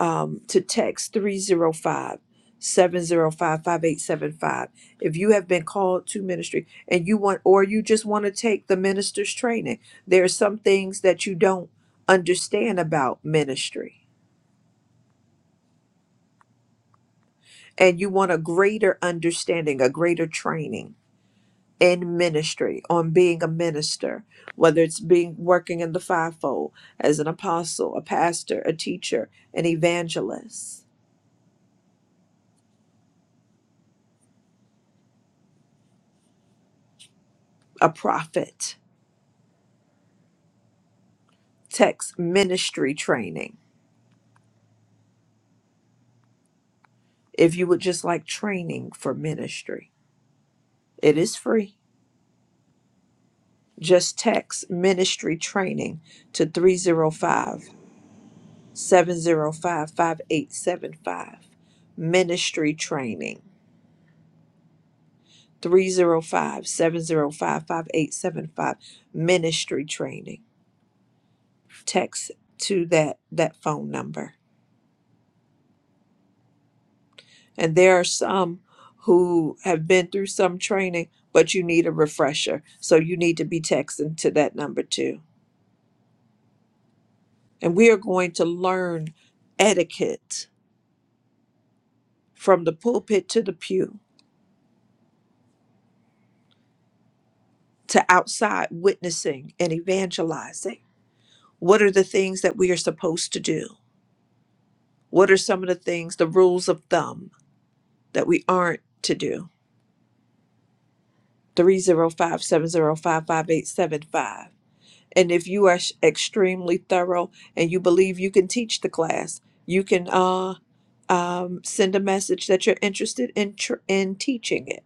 um, to text 305 705 5875. If you have been called to ministry and you want, or you just want to take the minister's training, there are some things that you don't understand about ministry, and you want a greater understanding, a greater training in ministry on being a minister whether it's being working in the fivefold as an apostle a pastor a teacher an evangelist a prophet text ministry training. If you would just like training for ministry, it is free. Just text ministry training to 305 705 5875 Ministry training 305 705 5875 Ministry training. Text to that, that phone number. And there are some who have been through some training, but you need a refresher. So you need to be texting to that number too. And we are going to learn etiquette from the pulpit to the pew to outside witnessing and evangelizing. What are the things that we are supposed to do? What are some of the things, the rules of thumb that we aren't to do? 305 705 5875. and if you are s- extremely thorough and you believe you can teach the class you can uh um, send a message that you're interested in tr- in teaching it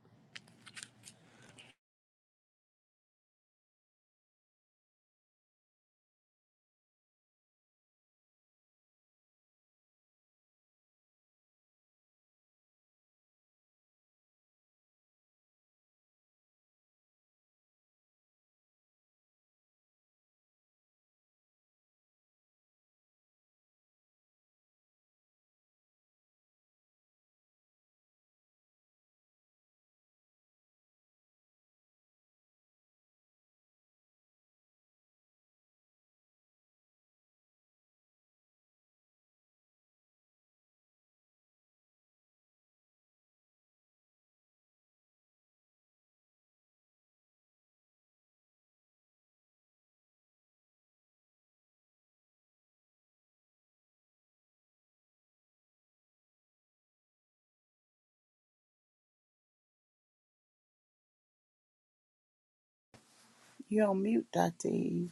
you're on mute, Dr. Eve.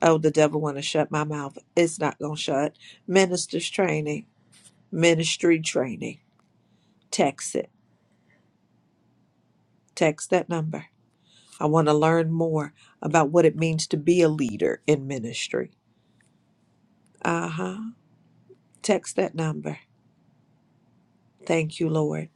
oh the devil want to shut my mouth it's not gonna shut ministers training ministry training text it text that number i want to learn more about what it means to be a leader in ministry uh-huh text that number Thank you, Lord.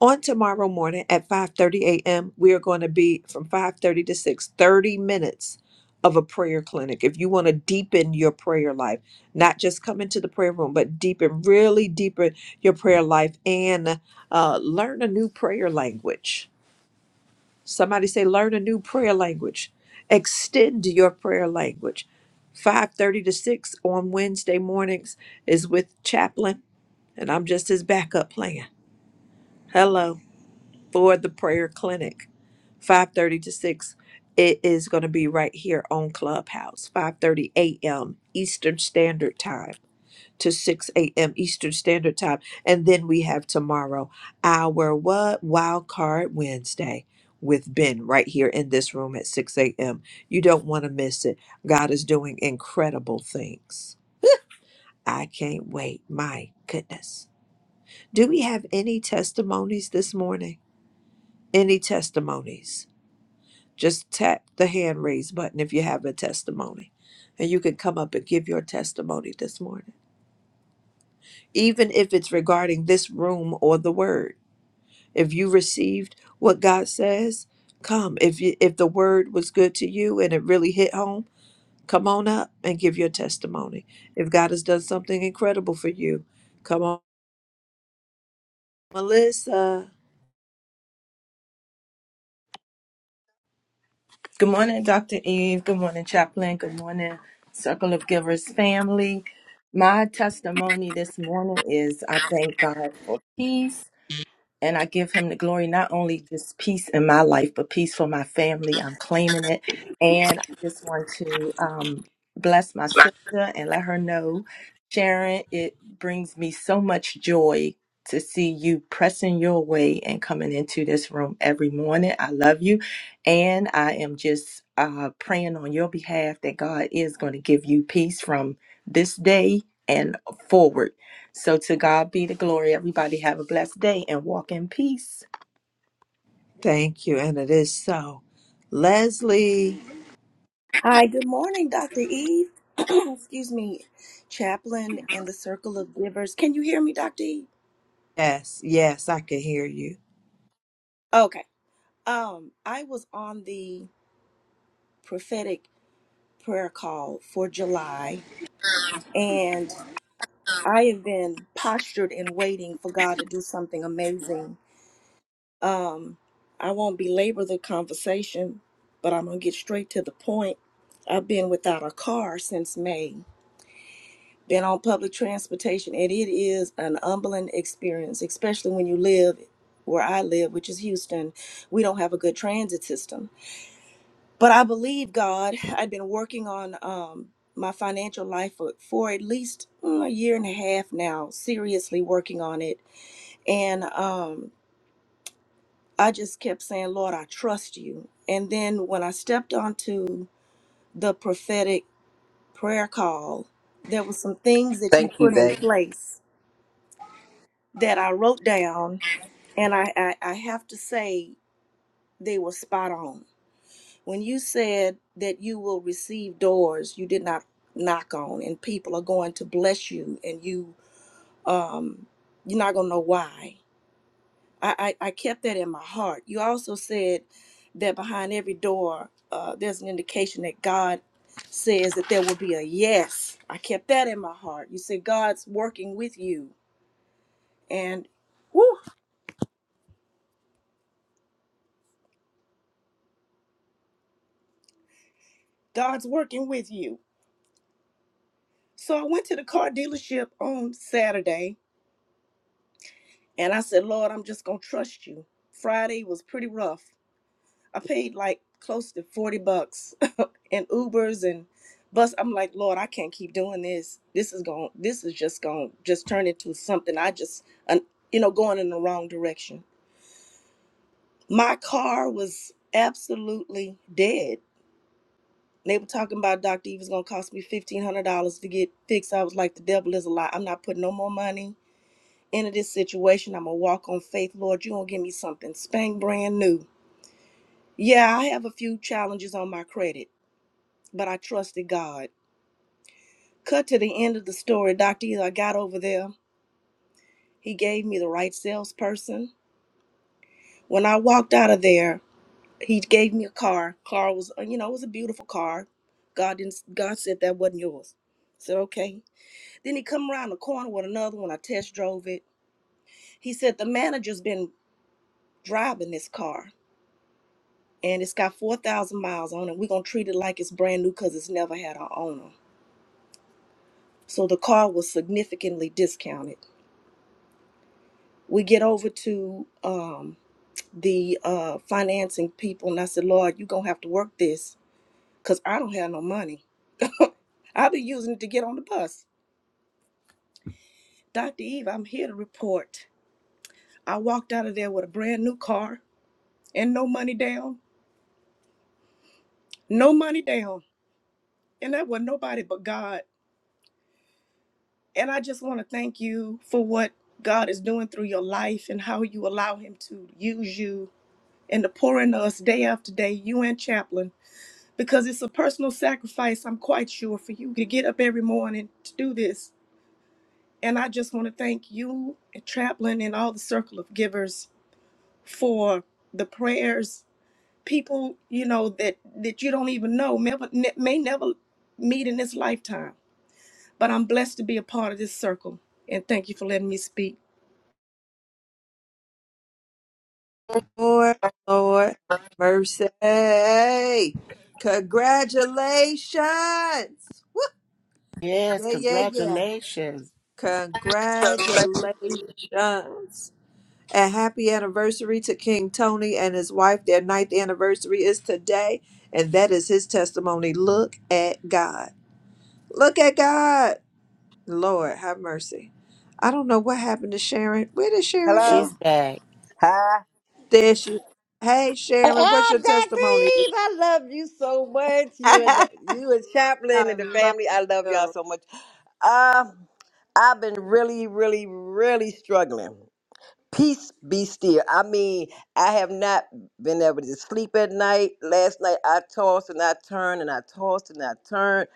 On tomorrow morning at 5:30 a.m., we are going to be from 5:30 to 6 30 minutes of a prayer clinic. If you want to deepen your prayer life, not just come into the prayer room, but deepen, really deepen your prayer life and uh, learn a new prayer language. Somebody say, learn a new prayer language. Extend your prayer language. 5:30 to 6 on Wednesday mornings is with Chaplain, and I'm just his backup plan. Hello for the prayer clinic 5.30 to 6 it is going to be right here on clubhouse 5.30 a.m eastern standard time to 6 a.m eastern standard time and then we have tomorrow our what wild card wednesday with ben right here in this room at 6 a.m you don't want to miss it god is doing incredible things i can't wait my goodness do we have any testimonies this morning any testimonies Just tap the hand raise button if you have a testimony. And you can come up and give your testimony this morning, even if it's regarding this room or the word. If you received what God says, come. If you, if the word was good to you and it really hit home, come on up and give your testimony. If God has done something incredible for you, come on, Melissa.
Good morning, Dr. Eve. Good morning, Chaplain. Good morning, Circle of Givers family. My testimony this morning is I thank God for peace. And I give him the glory, not only just peace in my life, but peace for my family. I'm claiming it. And I just want to um, bless my sister and let her know, Sharon, it brings me so much joy to see you pressing your way and coming into this room every morning. I love you. And I am just uh, praying on your behalf that God is going to give you peace from this day and forward so to God be the glory. Everybody have a blessed day and walk in peace.
Thank you, and it is so. Leslie,
Hi, good morning, Dr. Eve. Excuse me, Chaplain and the Circle of Givers. Can you hear me, Dr. Eve?
yes, yes, I can hear you.
Okay. Um, I was on the prophetic prayer call for July, and I have been postured and waiting for God to do something amazing. Um, I won't belabor the conversation, but I'm gonna get straight to the point. I've been without a car since May than on public transportation. And it is an humbling experience, especially when you live where I live, which is Houston. We don't have a good transit system. But I believe God. I'd been working on um, my financial life for, for at least mm, a year and a half now, seriously working on it. And um, I just kept saying, Lord, I trust you. And then when I stepped onto the prophetic prayer call, there were some things that you
Thank you,
put in
babe.
place that I wrote down, and I, I, I have to say they were spot on. When you said that you will receive doors you did not knock on, and people are going to bless you, and you um you're not gonna know why. I I, I kept that in my heart. You also said that behind every door, uh, there's an indication that God says that there will be a yes. I kept that in my heart. You said God's working with you, and whew, God's working with you So I went to the car dealership on Saturday and I said, Lord, I'm just going to trust you. Friday was pretty rough. I paid like close to 40 bucks in Ubers and bus. I'm like, Lord, I can't keep doing this. This is going, this is just going to just turn into something. I just, an- you know, going in the wrong direction. My car was absolutely dead. They were talking about Dr. Eva's going to cost me $1,500 to get fixed. I was like, the devil is a lie. I'm not putting no more money into this situation. I'm gonna walk on faith, Lord. You're gonna give me something spank brand new. Yeah, I have a few challenges on my credit, but I trusted God. Cut to the end of the story, Dr. Eli I got over there. He gave me the right salesperson. When I walked out of there, he gave me a car. Car was, uh, you know, it was a beautiful car. God didn't. God said that wasn't yours. I said okay. Then he come around the corner with another one. I test drove it. He said the manager's been driving this car. and it's got 4,000 miles on it. We're going to treat it like it's brand new because it's never had an owner. So the car was significantly discounted. We get over to um, the uh, financing people, and I said, Lord, you're going to have to work this because I don't have no money. I'll be using it to get on the bus. Dr. Eve, I'm here to report. I walked out of there with a brand new car and no money down. No money down. And that was nobody but God And I just want to thank you for what God is doing through your life and how you allow Him to use you and to pour into us day after day, you and Chaplain, because it's a personal sacrifice, I'm quite sure, for you to get up every morning to do this. And I just want to thank you and Chaplain and all the circle of givers for the prayers. People, you know, that, that you don't even know, may, may never meet in this lifetime. But I'm blessed to be a part of this circle. And thank you for letting me speak.
Lord, Lord, have mercy. Congratulations.
Yes,
Yeah, yeah, yeah.
congratulations.
Congratulations. And happy anniversary to King Tony and his wife. Their ninth anniversary is today. And that is his testimony. Look at God. Look at God. Lord, have mercy. I don't know what happened to Sharon. Where did Sharon
Hello.
go?
She's back.
Hi.
There she Hey, Sharon, what's
Ah,
your
Dr.
testimony?
Eve, I love you so much. You and the, you and Chaplin
I
and the
love
family, I love y'all
you.
so much. Uh, I've been really, really, really struggling. Peace be still. I mean, I have not been able to sleep at night. Last night I tossed and I turned and I tossed and I turned.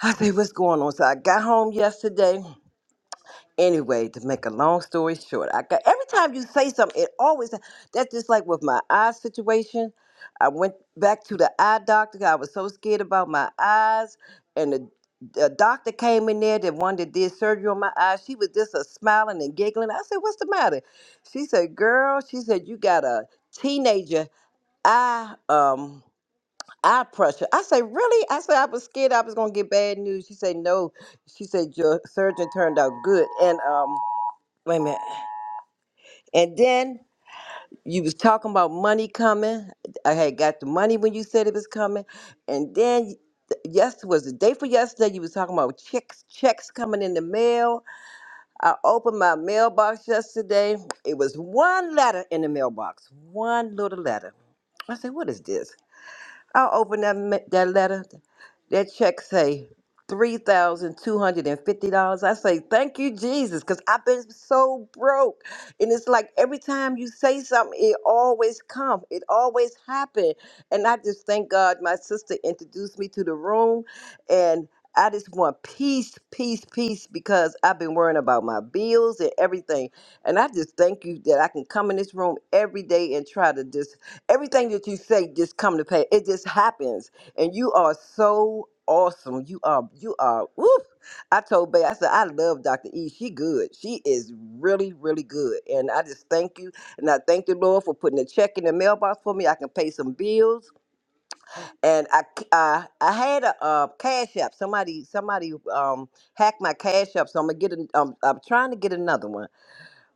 I said, what's going on? So I got home yesterday Anyway, to make a long story short, I got every time you say something, it always that's just like with my eye situation. I went back to the eye doctor. 'cause I was so scared about my eyes, and the, the doctor came in there. The one that did surgery on my eyes, she was just a smiling and giggling. I said, "What's the matter?" She said, "Girl," she said, "you got a teenager eye um eye pressure." I said, "Really?" I said, "I was scared I was gonna get bad news." She said, "No," she said, "Your surgeon turned out good," and um. Wait a minute. And then you was talking about money coming. I had got the money when you said it was coming. And then yes was the day for yesterday you was talking about checks checks coming in the mail. I opened my mailbox yesterday. It was one letter in the mailbox. One little letter. I said, what is this? I opened that ma- that letter. That check say $3,250. I say, thank you, Jesus, because I've been so broke. And it's like every time you say something, it always comes. It always happens. And I just thank God my sister introduced me to the room. And I just want peace, peace, peace, because I've been worrying about my bills and everything. And I just thank you that I can come in this room every day and try to just, everything that you say just come to pay. It just happens and you are so awesome. You are you are woof. I told Bay, I said, I love Dr. E. She good. She is really, really good. And I just thank you. And I thank the Lord for putting a check in the mailbox for me. I can pay some bills. And I c- I, I had a, uh cash app. Somebody somebody um hacked my cash app. So I'm gonna get an, um, I'm trying to get another one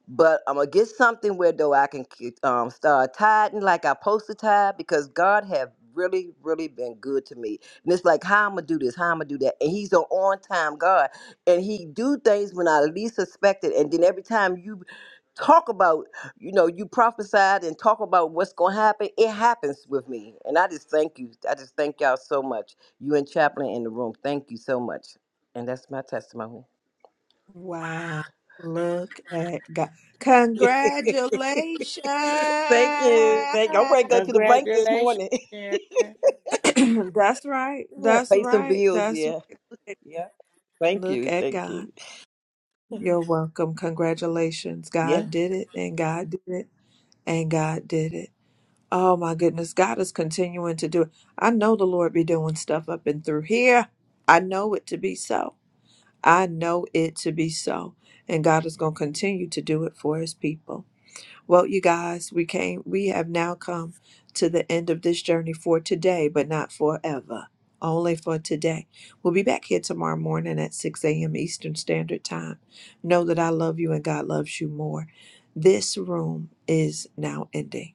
but I'm gonna get something where though I can um, start tithing like I post to tithe because God have really, really been good to me. And it's like how I'm gonna do this, how I'm gonna do that, and He's an on time God, and He do things when I least suspect it. And then every time you talk about, you know, you prophesied and talk about what's gonna happen, it happens with me. And I just thank you. I just thank y'all so much. You and Chaplain in the room, thank you so much. And that's my testimony.
Wow. Look at God. Congratulations.
Thank you. Thank you. I'm ready to go to the bank this
Congratulations,
morning.
Sharon.
That's right.
yeah,
That's
pay some
right.
bills.
That's
Yeah.
right. Look at,
Yeah. Thank
look
you.
at
Thank you.
God. You're welcome. Congratulations.
Yeah.
God did it and God did it and God did it. Oh my goodness. God is continuing to do it. I know the Lord be doing stuff up and through here. I know it to be so. I know it to be so. And God is going to continue to do it for his people. Well, you guys, we came, we have now come to the end of this journey for today, but not forever. Only for today. We'll be back here tomorrow morning at 6 a.m. Eastern Standard Time. Know that I love you and God loves you more. This room is now ending.